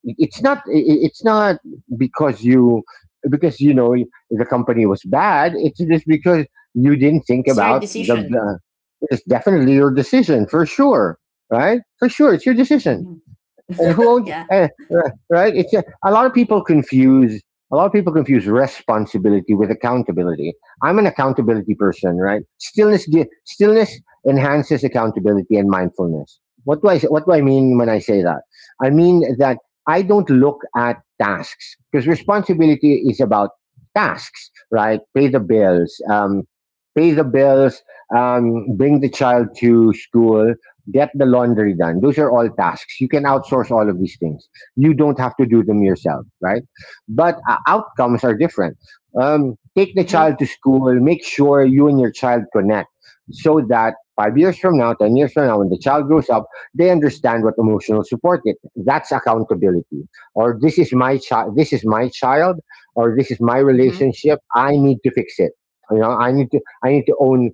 [SPEAKER 1] It's not because you because the company was bad. It's just because you didn't think
[SPEAKER 2] It's your
[SPEAKER 1] about the,
[SPEAKER 2] decision.
[SPEAKER 1] the It's definitely your decision, for sure, right? For sure, it's your decision.
[SPEAKER 2] Mhm.
[SPEAKER 1] And who owns
[SPEAKER 2] Yeah.
[SPEAKER 1] right? Right? A lot of people confuse responsibility with accountability. I'm an accountability person, right? Stillness enhances accountability and mindfulness. What do I mean when I say that? I mean that I don't look at tasks, because responsibility is about tasks, right? Pay the bills, bring the child to school, get the laundry done. Those are all tasks. You can outsource all of these things. You don't have to do them yourself, right? But outcomes are different. Take the
[SPEAKER 2] Mhm.
[SPEAKER 1] child to school. Make sure you and your child connect, so that 5 years from now, 10 years from now, when the child grows up, they understand what emotional support is. That's accountability. Or this is my child, or this is my
[SPEAKER 2] Mhm.
[SPEAKER 1] relationship. I need to fix it. I need to own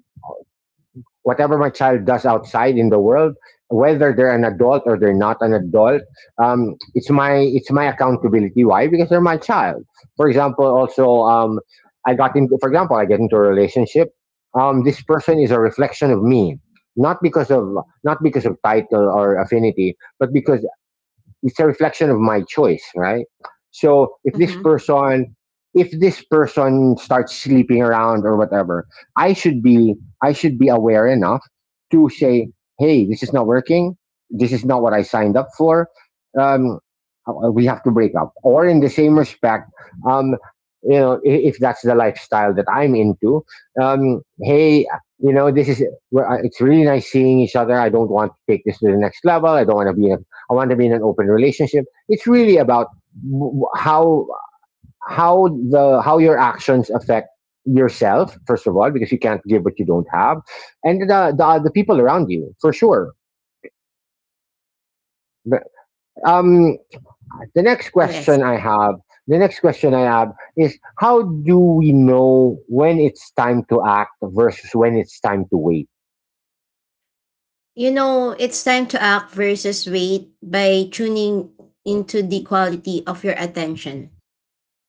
[SPEAKER 1] whatever my child does outside in the world, whether they're an adult or they're not an adult, it's my accountability. Why? Because they're my child. For example, also, I got into for example I get into a relationship. This person is a reflection of me, not because of title or affinity, but because it's a reflection of my choice, right? So if this
[SPEAKER 2] Mhm.
[SPEAKER 1] person if this person starts sleeping around or whatever, I should be I should be aware enough to say, hey, this is not working. This is not what I signed up for. Um, we have to break up. Or, in the same respect, um, if that's the lifestyle that I'm into, hey, this is it's really nice seeing each other. I don't want to take this to the next level. I don't want to be in a. I want to be in an open relationship. It's really about how how your actions affect yourself, first of all, because you can't give what you don't have, and the people around you, for sure. But, um the next
[SPEAKER 2] Yes.
[SPEAKER 1] question I have the next question I have is, how do we know when it's time to act versus when it's time to wait?
[SPEAKER 2] You know, it's time to act versus wait by tuning into the quality of your attention.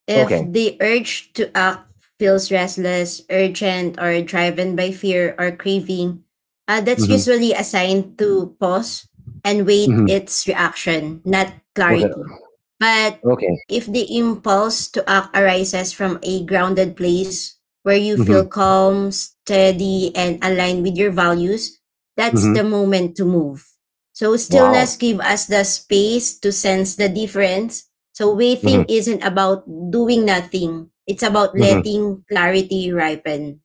[SPEAKER 2] If
[SPEAKER 1] Okay.
[SPEAKER 2] the urge to act feels restless, urgent, or driven by fear or craving, that's
[SPEAKER 1] Hmm.
[SPEAKER 2] usually a sign to pause and wait
[SPEAKER 1] Hmm.
[SPEAKER 2] its reaction, not
[SPEAKER 1] Okay.
[SPEAKER 2] clarity. But
[SPEAKER 1] Okay.
[SPEAKER 2] if the impulse to act arises from a grounded place where you feel
[SPEAKER 1] Hmm.
[SPEAKER 2] calm, steady, and aligned with your values, that's
[SPEAKER 1] Hmm.
[SPEAKER 2] the moment to move. So
[SPEAKER 1] Wow.
[SPEAKER 2] stillness gives us the space to sense the difference, so waiting
[SPEAKER 1] Hmm.
[SPEAKER 2] isn't about doing nothing. It's about letting clarity ripen.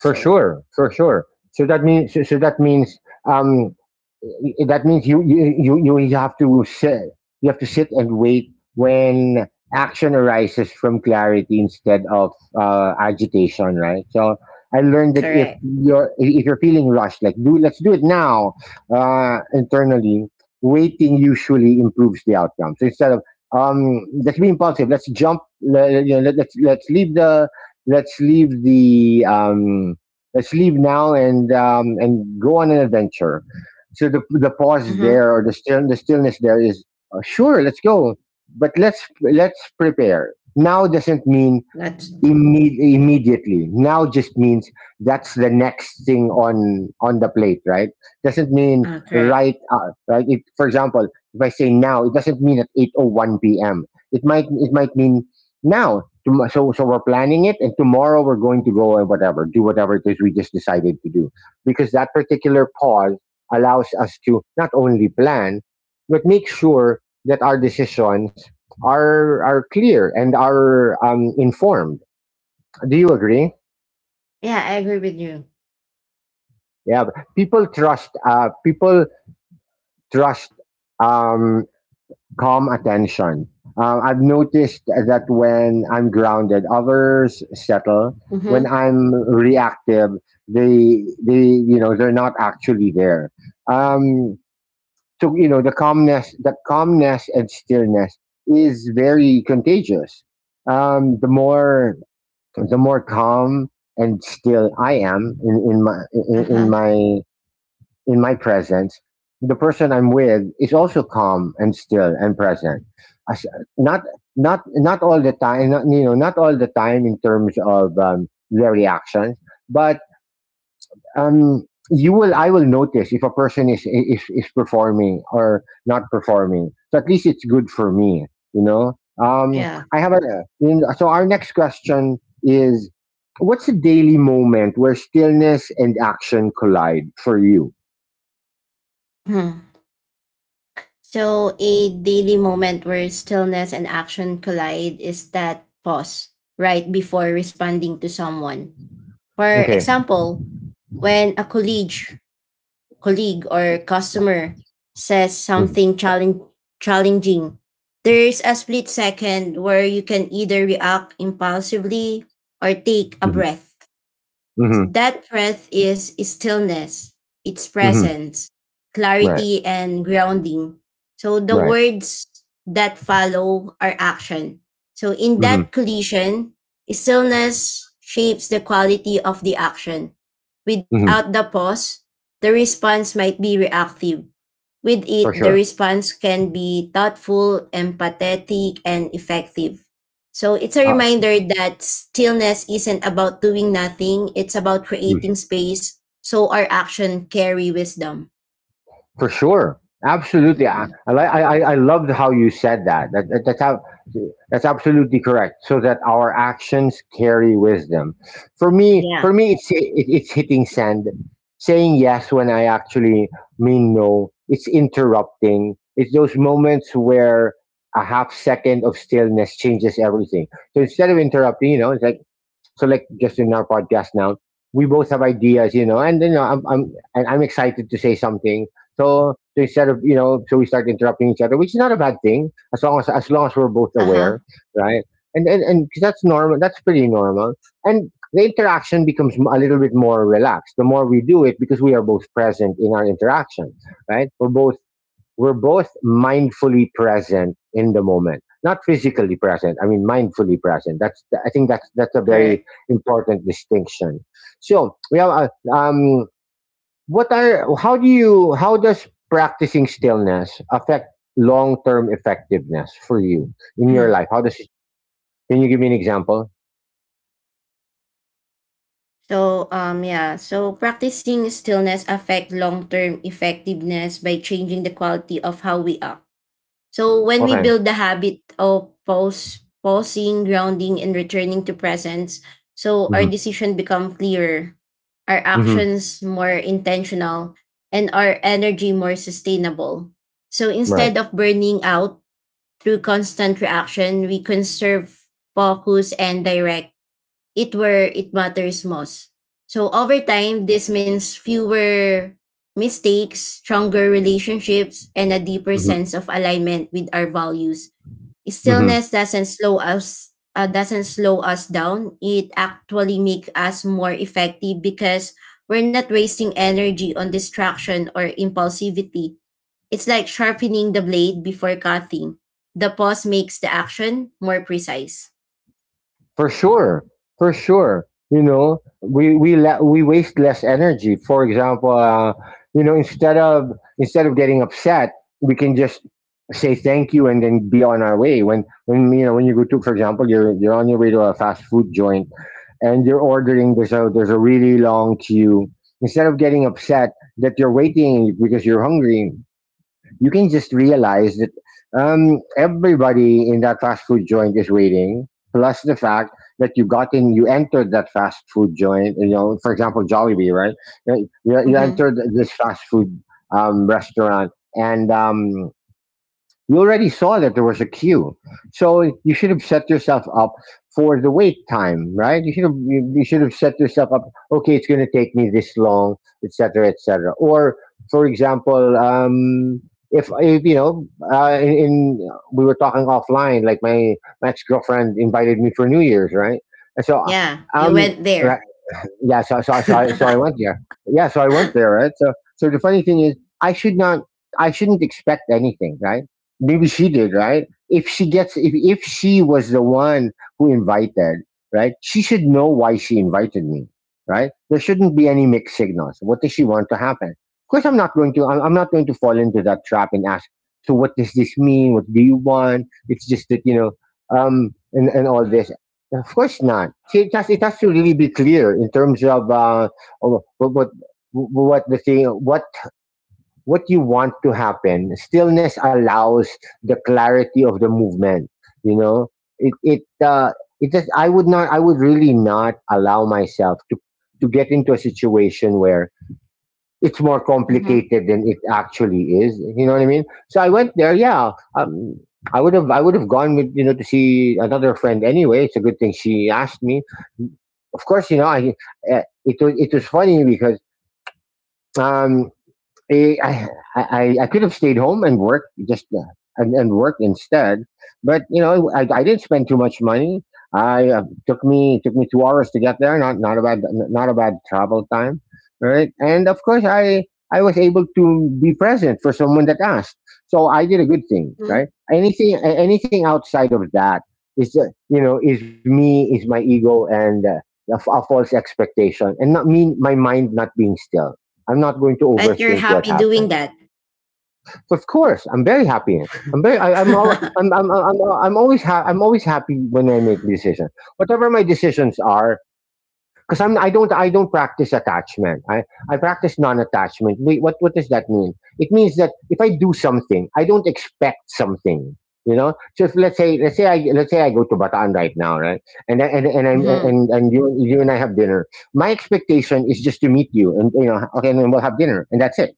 [SPEAKER 1] For sure, for sure. So that means so, so that means um that means you have to sit and wait when action arises from clarity instead of agitation, right? So I learned that
[SPEAKER 2] Correct.
[SPEAKER 1] if you're feeling rushed, like, do let's do it now, internally, waiting usually improves the outcome. So, instead of let's be impulsive, let's jump, let's leave the let's leave the let's leave now and go on an adventure. So the pause
[SPEAKER 2] Mhm.
[SPEAKER 1] there, or the stillness there, is sure, let's go, but let's prepare. Now doesn't mean
[SPEAKER 2] That's
[SPEAKER 1] Immediately. Now just means that's the next thing on the plate, right? Doesn't mean
[SPEAKER 2] uh, correct.
[SPEAKER 1] right, right. For example, if I say now, it doesn't mean at 8:01 p.m. It might it might mean now we're planning it and tomorrow we're going to go and whatever, do whatever it is we just decided to do, because that particular pause allows us to not only plan but make sure that our decisions are clear and are informed. Do you agree?
[SPEAKER 2] Yeah, I agree with you.
[SPEAKER 1] Yeah, but people trust. People trust um, calm attention. I've noticed that when I'm grounded, others settle. When
[SPEAKER 2] Mhm.
[SPEAKER 1] I'm reactive, they they're not actually there. Um, so, you know, the calmness and stillness is very contagious. The more the more calm and still I am
[SPEAKER 2] Uh-huh.
[SPEAKER 1] in my presence, the person I'm with is also calm and still and present. As, not not all the time, not, you know, not all the time in terms of their reactions, but um, you will I will notice if a person is performing or not performing. So at least it's good for me, you know. Um,
[SPEAKER 2] Yeah.
[SPEAKER 1] I have a our next question is: What's a daily moment where stillness and action collide for you?
[SPEAKER 2] Mhm. So a daily moment where stillness and action collide is that pause right before responding to someone. For
[SPEAKER 1] Okay.
[SPEAKER 2] example, when a colleague or customer says something challenging, there's a split second where you can either react impulsively or take a
[SPEAKER 1] Mm-hmm.
[SPEAKER 2] breath.
[SPEAKER 1] Mm-hmm.
[SPEAKER 2] That breath is stillness, its
[SPEAKER 1] Hmm.
[SPEAKER 2] presence,
[SPEAKER 1] Right.
[SPEAKER 2] clarity, and grounding. So the
[SPEAKER 1] Right.
[SPEAKER 2] words that follow are action. So in
[SPEAKER 1] Mm-hmm.
[SPEAKER 2] that collision, stillness shapes the quality of the action. Without
[SPEAKER 1] Mm-hmm.
[SPEAKER 2] the pause, the response might be reactive. With
[SPEAKER 1] For
[SPEAKER 2] it, the
[SPEAKER 1] sure.
[SPEAKER 2] response can be thoughtful, empathetic, and effective. So it's a
[SPEAKER 1] Uh,
[SPEAKER 2] reminder that stillness isn't about doing nothing, it's about
[SPEAKER 1] mm,
[SPEAKER 2] creating space so our action carry wisdom.
[SPEAKER 1] for sure. Absolutely. I,
[SPEAKER 2] Mm-mm.
[SPEAKER 1] I, li- I, I I loved how you said that. That's how, that's absolutely correct. So that our actions carry wisdom. For
[SPEAKER 2] Yeah.
[SPEAKER 1] me, it's hitting sand, saying yes when I actually mean no. It's interrupting. It's those moments where a half second of stillness changes everything. So instead of interrupting, you know, it's like. So, just in our podcast now, we both have ideas, you know, and you know, I'm excited to say something. So instead of, you know, so we start interrupting each other, which is not a bad thing as long as we're both
[SPEAKER 2] Uh-huh.
[SPEAKER 1] aware, right? And 'cause that's normal. That's pretty normal. And the interaction becomes a little bit more relaxed the more we do it because we are both present in our interaction, right? We're both mindfully present in the moment, not physically present, I mean mindfully present. That's i think that's a very
[SPEAKER 2] Correct.
[SPEAKER 1] important distinction. So we have um what are how do you, how does practicing stillness affect long-term effectiveness for you in
[SPEAKER 2] Hmm.
[SPEAKER 1] your life? How does it, can you give me an example?
[SPEAKER 2] So practicing stillness affect long-term effectiveness by changing the quality of how we act. So when we
[SPEAKER 1] Okay.
[SPEAKER 2] build the habit of pausing, grounding, and returning to presence, so our
[SPEAKER 1] Hmm.
[SPEAKER 2] decision become clearer, our
[SPEAKER 1] Hmm.
[SPEAKER 2] actions more intentional, and our energy more sustainable. So
[SPEAKER 1] Right.
[SPEAKER 2] instead of burning out through constant reaction, we conserve focus and direct it where it matters most. So over time, this means fewer mistakes, stronger relationships, and a deeper sense of alignment with our values.
[SPEAKER 1] Hmm.
[SPEAKER 2] Stillness doesn't slow us down. It actually makes us more effective because we're not wasting energy on distraction or impulsivity. It's like sharpening the blade before cutting. The pause makes the action more precise.
[SPEAKER 1] For sure, for sure. You know, we waste less energy. For example, you know, instead of getting upset, we can just say thank you and then be on our way. When you know, when you go to, for example, you're on your way to a fast food joint and you're ordering, there's a really long queue. Instead of getting upset that you're waiting because you're hungry, you can just realize that everybody in that fast food joint is waiting. Plus the fact that you got in, you entered that fast food joint. You know, for example, Jollibee, right? You, you
[SPEAKER 2] Mm-hmm.
[SPEAKER 1] entered this fast food restaurant, and you already saw that there was a queue, so you should have set yourself up for the wait time, right? You should have, you should have set yourself up. Okay, it's going to take me this long, etc., etc. Or, for example, if you know, in we were talking offline, like my ex girlfriend invited me for New Year's, right? And so,
[SPEAKER 2] Yeah, you
[SPEAKER 1] um,
[SPEAKER 2] went there.
[SPEAKER 1] right, yeah, so I went there. Yeah, so I went there, right? So the funny thing is, I should not, I shouldn't expect anything, right? Maybe she did, right? If she gets, if she was the one who invited, right? She should know why she invited me, right? There shouldn't be any mixed signals. What does she want to happen? Of course, I'm not going to fall into that trap and ask. So what does this mean? What do you want? It's just that, you know, and all this. Of course not. See, it has to really be clear in terms of what, what the thing, what you want to happen. Stillness allows the clarity of the movement. You know, it it uh, it does. I would not, I would really not allow myself to get into a situation where it's more
[SPEAKER 2] mm-hmm.
[SPEAKER 1] complicated than it actually is. You know what I mean? So I went there. Yeah, um, I would have gone, with you know, to see another friend anyway. It's a good thing she asked me. Of course, you know, I it was funny because um I, I, I could have stayed home and worked, and work instead. But, you know, I didn't spend too much money. I took me two hours to get there. Not a bad, not a bad travel time, right? And of course, I was able to be present for someone that asked. So I did a good thing, right? Anything anything outside of that is, you know, is me, is my ego, and a false expectation, and not, mean my mind not being still. I'm not going to
[SPEAKER 2] But you're
[SPEAKER 1] overthink what
[SPEAKER 2] happy
[SPEAKER 1] happened.
[SPEAKER 2] doing that.
[SPEAKER 1] So of course, I'm very happy. I'm very. I, I'm, all, I'm. I'm. I'm. I'm always. I'm always happy when I make decisions. Whatever my decisions are, because I don't, I don't practice attachment. I practice non-attachment. Wait, what? What does that mean? It means that if I do something, I don't expect something. You know. So if let's say, let's say I go to Bataan right now, right? And and I'm,
[SPEAKER 2] mm-hmm.
[SPEAKER 1] and you and I have dinner. My expectation is just to meet you, and, you know, okay, and then we'll have dinner, and that's it.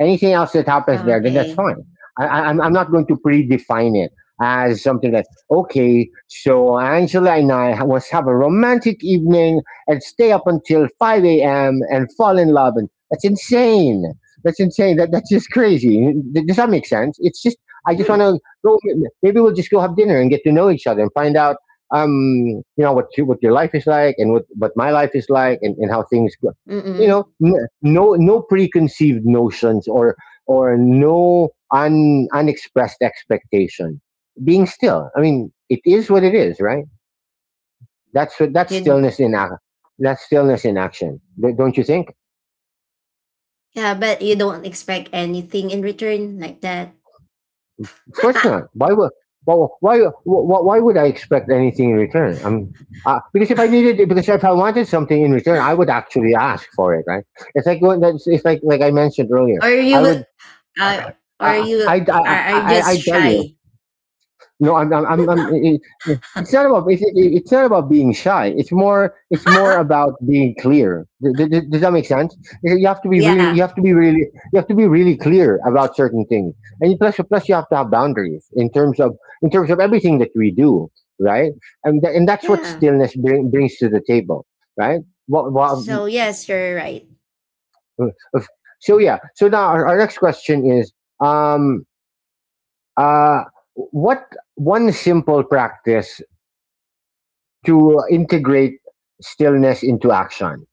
[SPEAKER 1] Anything else that happens there, then that's
[SPEAKER 2] Okay.
[SPEAKER 1] fine. I'm not going to predefine it as something like, okay, so Angela and I ha- was have a romantic evening and stay up until 5 a.m. and fall in love. And that's insane. That's insane. That's just crazy. Does that make sense? It's just, I just want
[SPEAKER 2] Mm.
[SPEAKER 1] to go. Maybe we'll just go have dinner and get to know each other and find out, you know, what, what your life is like, and what, my life is like, and how things go. You
[SPEAKER 2] Mm-mm.
[SPEAKER 1] know, no preconceived notions or no unexpressed expectation. Being still, I mean, it is what it is, right? That's what, that's
[SPEAKER 2] Should,
[SPEAKER 1] stillness in action. That's stillness in action, don't you think?
[SPEAKER 2] yeah, but you don't expect anything in return like that.
[SPEAKER 1] Of course not. Why would well, why would I expect anything in return? Because if I needed, because if I wanted something in return, I would actually ask for it, right? It's like, I mentioned
[SPEAKER 2] or
[SPEAKER 1] earlier.
[SPEAKER 2] you
[SPEAKER 1] I
[SPEAKER 2] will,
[SPEAKER 1] would,
[SPEAKER 2] uh, or
[SPEAKER 1] uh,
[SPEAKER 2] you will-
[SPEAKER 1] I, I,
[SPEAKER 2] are
[SPEAKER 1] I,
[SPEAKER 2] just
[SPEAKER 1] I tell you,
[SPEAKER 2] shy.
[SPEAKER 1] no, I'm it, it's not about, it's not about being shy. It's more, it's more about being clear. Does that make sense? You have to be really,
[SPEAKER 2] yeah.
[SPEAKER 1] you have to be really clear about certain things, and plus, you have to have boundaries in terms of, everything that we do, right? And that's what
[SPEAKER 2] Yeah.
[SPEAKER 1] stillness brings to the table, right? What, what,
[SPEAKER 2] So yes, you're right.
[SPEAKER 1] uh, so yeah. So now our next question is um uh what one simple practice to integrate stillness into action.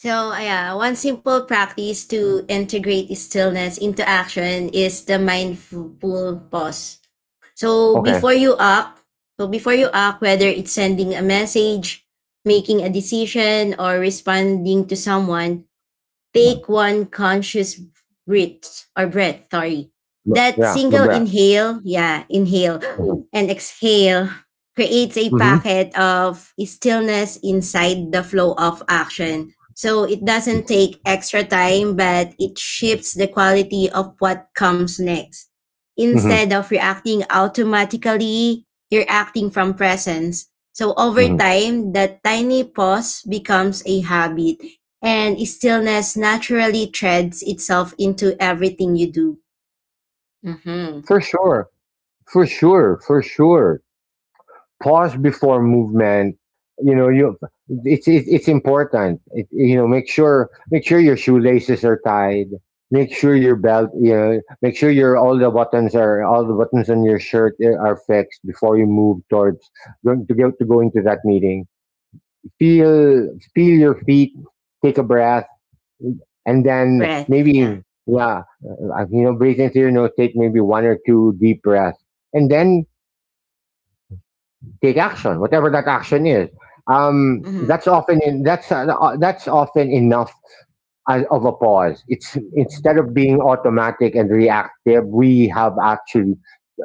[SPEAKER 2] So one simple practice to integrate stillness into action is the mindful pause. So
[SPEAKER 1] Okay.
[SPEAKER 2] before you act, so before you act, whether it's sending a message, making a decision, or responding to someone, take
[SPEAKER 1] Mm.
[SPEAKER 2] one conscious breath or breath, sorry. That
[SPEAKER 1] Yeah, the.
[SPEAKER 2] single inhale, yeah, inhale and exhale creates a
[SPEAKER 1] Mm-hmm.
[SPEAKER 2] packet of stillness inside the flow of action. So it doesn't take extra time, but it shifts the quality of what comes next.
[SPEAKER 1] Mm-hmm.
[SPEAKER 2] Instead of reacting automatically, you're acting from presence. So over
[SPEAKER 1] Hmm.
[SPEAKER 2] time, that tiny pause becomes a habit and stillness naturally threads itself into everything you do. Mm-hmm.
[SPEAKER 1] For sure. For sure. For sure. Pause before movement. You know, you it's important. You know, make sure your shoelaces are tied. Make sure your belt, you know, make sure your all the buttons on your shirt are fixed before you move towards going to go into that meeting. Feel your feet, take a breath, and then
[SPEAKER 2] Breath, yeah.
[SPEAKER 1] maybe, yeah, you know, breathe into your nose, take maybe one or two deep breaths, and then take action, whatever that action is.
[SPEAKER 2] Mm-hmm.
[SPEAKER 1] That's often enough of a pause. It's, instead of being automatic and reactive, we have actually,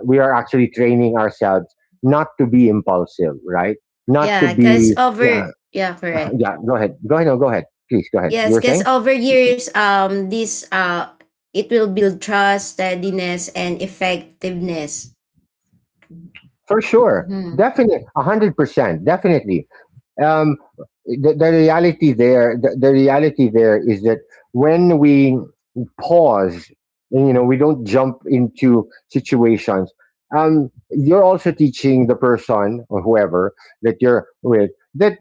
[SPEAKER 1] we are actually training ourselves not to be impulsive, right? Not to
[SPEAKER 2] Yeah, because
[SPEAKER 1] be
[SPEAKER 2] over
[SPEAKER 1] uh,
[SPEAKER 2] yeah, correct.
[SPEAKER 1] yeah, go ahead. Go ahead. No, go ahead. Please go ahead. You
[SPEAKER 2] Yes,
[SPEAKER 1] were
[SPEAKER 2] because
[SPEAKER 1] saying?
[SPEAKER 2] over years, this it will build trust, steadiness, and effectiveness.
[SPEAKER 1] For sure.
[SPEAKER 2] Mm-hmm.
[SPEAKER 1] Definitely. 100%. Definitely. Um, the reality there, the reality there is that when we pause, and, you know, we don't jump into situations. You're also teaching the person or whoever that you're with that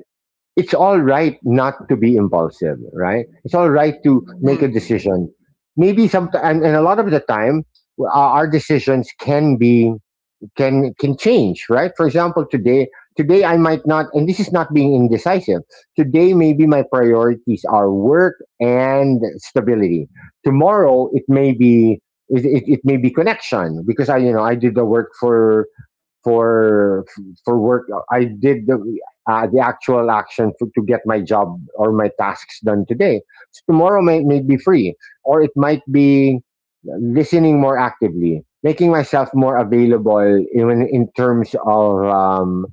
[SPEAKER 1] it's all right not to be impulsive, right? It's all right to make
[SPEAKER 2] Mm-hmm.
[SPEAKER 1] a decision. Maybe some, and, a lot of the time, our decisions can be can change, right? For example, today I might not, and this is not being indecisive. Today maybe my priorities are work and stability. Tomorrow it may be. It may be connection because I you know I did the work for for work. I did the actual action for, to get my job or my tasks done today. So tomorrow may be free, or it might be listening more actively, making myself more available even in terms of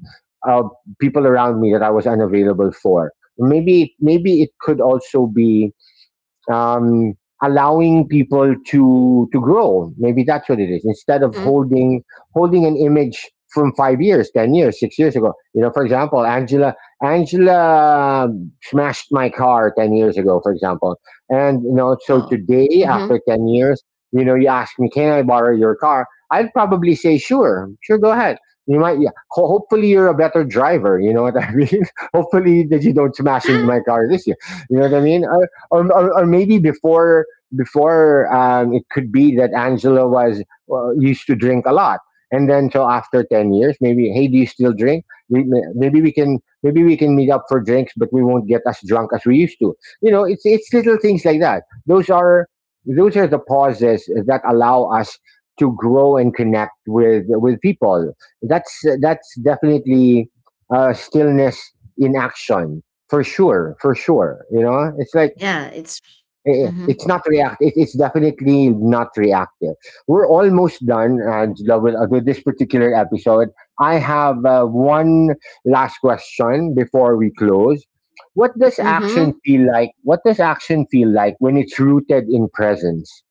[SPEAKER 1] of people around me that I was unavailable for. Maybe it could also be um, allowing people to grow. Maybe that's what it is.
[SPEAKER 2] Mm-hmm.
[SPEAKER 1] Instead of holding an image from 5 years, 10 years, 6 years ago. You know, for example, Angela smashed my car 10 years ago, for example. And you know, so
[SPEAKER 2] Oh.
[SPEAKER 1] today
[SPEAKER 2] Mm-hmm.
[SPEAKER 1] after 10 years, you know, you ask me, can I borrow your car? I'd probably say sure. Sure, go ahead. You might, yeah. Hopefully you're a better driver, you know what I mean? Hopefully that you don't smash into my car this year. You know what I mean? Or maybe before it could be that Angela was, well, used to drink a lot, and then so after 10 years, maybe hey, do you still drink? Maybe we can meet up for drinks, but we won't get as drunk as we used to. You know, it's little things like that. Those are the pauses that allow us to grow and connect with people. That's definitely stillness in action, for sure, for sure. You know, it's like
[SPEAKER 2] yeah, it's. Mm-hmm.
[SPEAKER 1] It's not reactive. It's definitely not reactive. We're almost done, Angela, with this particular episode. I have one last question before we close. What does action
[SPEAKER 2] Mm-hmm.
[SPEAKER 1] feel like? What does action feel like when it's rooted in presence?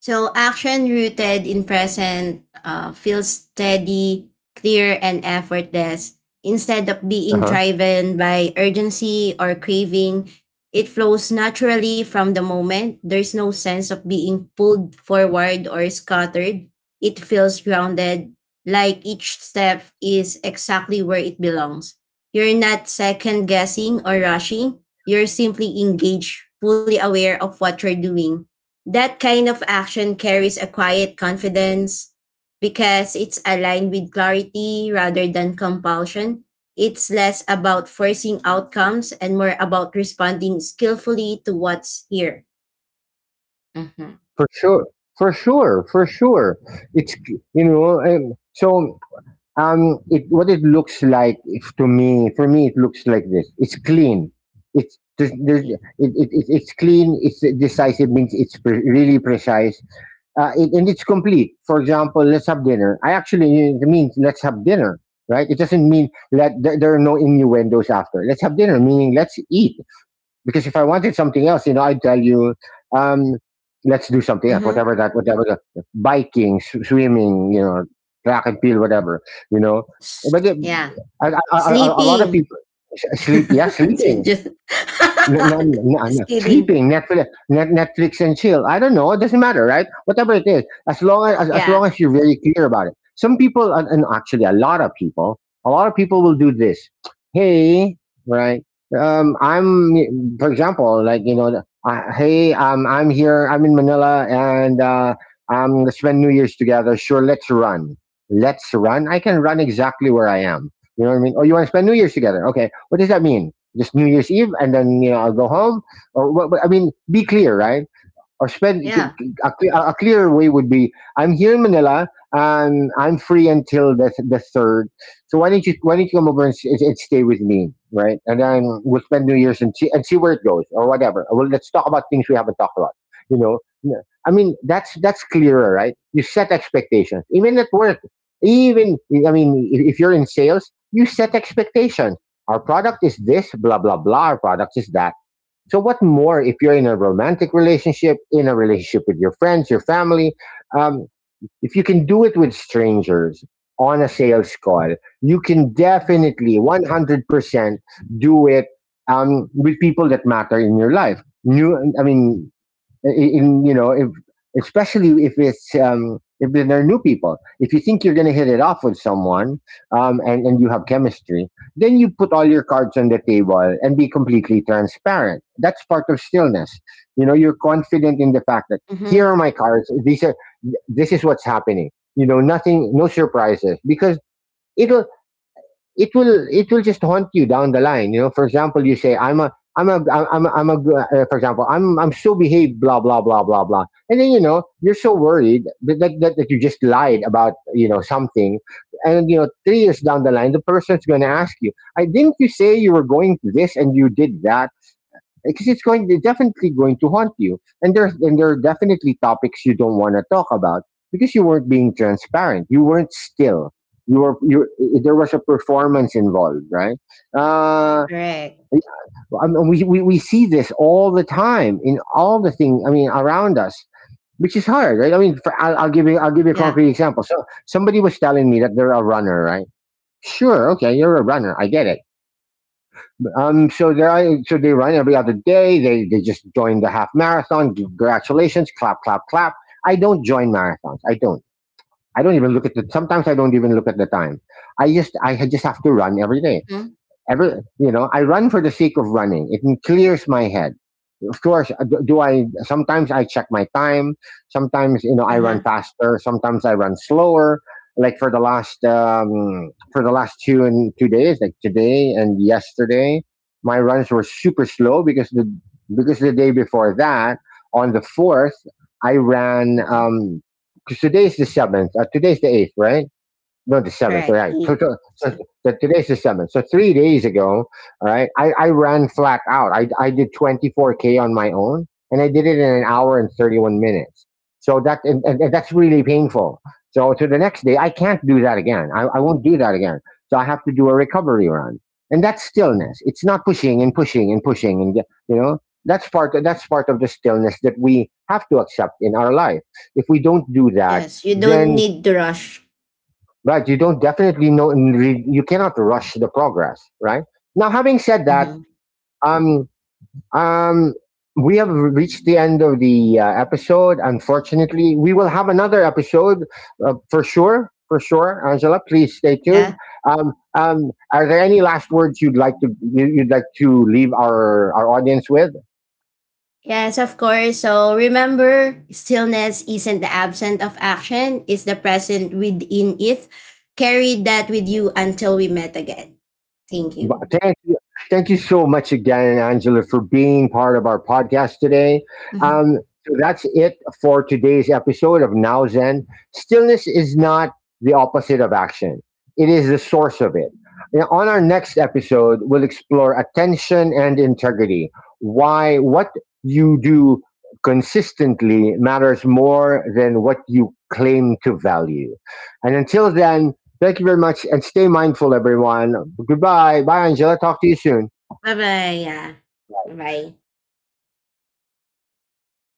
[SPEAKER 2] So action rooted in present feels steady, clear, and effortless. Instead
[SPEAKER 1] Uh
[SPEAKER 2] of
[SPEAKER 1] huh.
[SPEAKER 2] being driven by urgency or craving, it flows naturally from the moment. There's no sense of being pulled forward or scattered. It feels grounded, like each step is exactly where it belongs. You're not second guessing or rushing. You're simply engaged, fully aware of what you're doing. That kind of action carries a quiet confidence because it's aligned with clarity rather than compulsion. It's less about forcing outcomes and more about responding skillfully to what's here. Mm-hmm.
[SPEAKER 1] For sure. For sure. For sure. It's you know. So it what it looks like if to me for me, it looks like this. It's clean. It's clean. It's decisive, means it's really precise. And it's complete. For example, let's have dinner. I actually it means let's have dinner, right? It doesn't mean that there are no innuendos after. Let's have dinner meaning let's eat, because if I wanted something else, you know, I'd tell you, um, let's do something else,
[SPEAKER 2] Mm-hmm.
[SPEAKER 1] whatever that, whatever, the biking, swimming, you know, track and field, whatever, you know. But the-
[SPEAKER 2] Yeah.
[SPEAKER 1] a lot of
[SPEAKER 2] Sleeping.
[SPEAKER 1] people sleeping.
[SPEAKER 2] just,
[SPEAKER 1] No, no, no, no.
[SPEAKER 2] just kidding.
[SPEAKER 1] Sleeping, Netflix, Netflix and chill. I don't know. It doesn't matter, right? Whatever it is, as long as, as long
[SPEAKER 2] Yeah.
[SPEAKER 1] as you're very clear about it. Some people, and actually a lot of people, will do this. Hey, right? I'm, for example, like, you know, hey, I'm here. I'm in Manila, and I'm gonna spend New Year's together. Sure, let's run. Let's run. I can run exactly where I am. You know what I mean? Oh, you want to spend New Year's together? Okay. What does that mean? Just New Year's Eve, and then you know I'll go home. Or what, I mean, be clear, right? Or spend,
[SPEAKER 2] Yeah.
[SPEAKER 1] a clearer way would be, I'm here in Manila and I'm free until the third. So why don't you come over and, and stay with me, right? And then we'll spend New Year's and see where it goes or whatever. Well, let's talk about things we haven't talked about. You know. Yeah, I mean that's clearer, right? You set expectations, even at work. Even, I mean, if you're in sales, you set expectations. Our product is this, blah blah blah. Our product is that. So, what more if you're in a romantic relationship, in a relationship with your friends, your family? Um, if you can do it with strangers on a sales call, you can
[SPEAKER 2] Mm-hmm.
[SPEAKER 1] definitely 100% do it with people that matter in your life. New, I mean, in you know if Especially if it's if they're new people. If you think you're going to hit it off with someone, and you have chemistry, then you put all your cards on the table and be completely transparent. That's part of stillness. You know, you're confident in the fact that, here
[SPEAKER 2] Mm-hmm.
[SPEAKER 1] are my cards. These are This is what's happening. You know, nothing, no surprises, because it'll it will, just haunt you down the line. You know, for example, you say, I'm a for example, I'm so behaved, blah blah blah blah blah, and then you know you're so worried that you just lied about, you know, something, and you know 3 years down the line the person's going to ask you, I didn't you say you were going to this and you did that, because it's going they're definitely going to haunt you, and there are definitely topics you don't want to talk about because you weren't being transparent, you weren't still. You were, there was a performance involved, right? uh
[SPEAKER 2] Correct.
[SPEAKER 1] I mean, we see this all the time in all the thing, I mean, around us, which is hard, right? I mean, I'll give you, a
[SPEAKER 2] Yeah.
[SPEAKER 1] concrete example. So somebody was telling me that they're a runner, right? Sure, okay, you're a runner, I get it. So they run every other day. They just joined the half marathon. Congratulations! Clap, clap, clap. I don't join marathons. I don't. I don't even look at the. Sometimes I don't even look at the time. I just have to run every day.
[SPEAKER 2] Mm-hmm.
[SPEAKER 1] Every, you know, I run for the sake of running. It clears my head. Of course, do I, sometimes I check my time. Sometimes, you know, I
[SPEAKER 2] Uh-huh.
[SPEAKER 1] run faster. Sometimes I run slower. Like for the last 2 and 2 days, like today and yesterday, my runs were super slow, because the day before that, on the fourth, I ran.
[SPEAKER 2] Mm-hmm.
[SPEAKER 1] 'Cause today's the seventh. Today's the eighth, right? No, the seventh,
[SPEAKER 2] Correct.
[SPEAKER 1] right?
[SPEAKER 2] Eat.
[SPEAKER 1] Today's the seventh. So 3 days ago, all right, I ran flat out. I did 24k on my own, and I did it in an hour and 31 minutes. So that, and that's really painful. So to the next day, I can't do that again. I won't do that again. So I have to do a recovery run, and that's stillness. It's not pushing and pushing and pushing, and you know, that's part of the stillness that we have to accept in our life. If we don't do that,
[SPEAKER 2] Yes, you don't
[SPEAKER 1] then,
[SPEAKER 2] need to rush.
[SPEAKER 1] right, you don't definitely know, and you cannot rush the progress, right? Now, having said that,
[SPEAKER 2] Mhm,
[SPEAKER 1] um um we have reached the end of the episode. Unfortunately, we will have another episode, for sure, for sure. Angela, please stay tuned.
[SPEAKER 2] yeah.
[SPEAKER 1] Are there any last words you'd like you'd like to leave our audience with?
[SPEAKER 2] Yes, of course. So remember, stillness isn't the absence of action, it's the present within it. Carry that with you until we met again. Thank
[SPEAKER 1] But
[SPEAKER 2] you.
[SPEAKER 1] thank you so much again, Angela, for being part of our podcast today.
[SPEAKER 2] Mhm.
[SPEAKER 1] Um, so that's it for today's episode of Now Zen. Stillness is not the opposite of action; it is the source of it. Now, on our next episode, we'll explore attention and integrity. Why what you do consistently matters more than what you claim to value. And until then, thank you very much and stay mindful, everyone. Goodbye. Bye, Angela. Talk to you soon.
[SPEAKER 2] Bye-bye. Yeah. Bye-bye.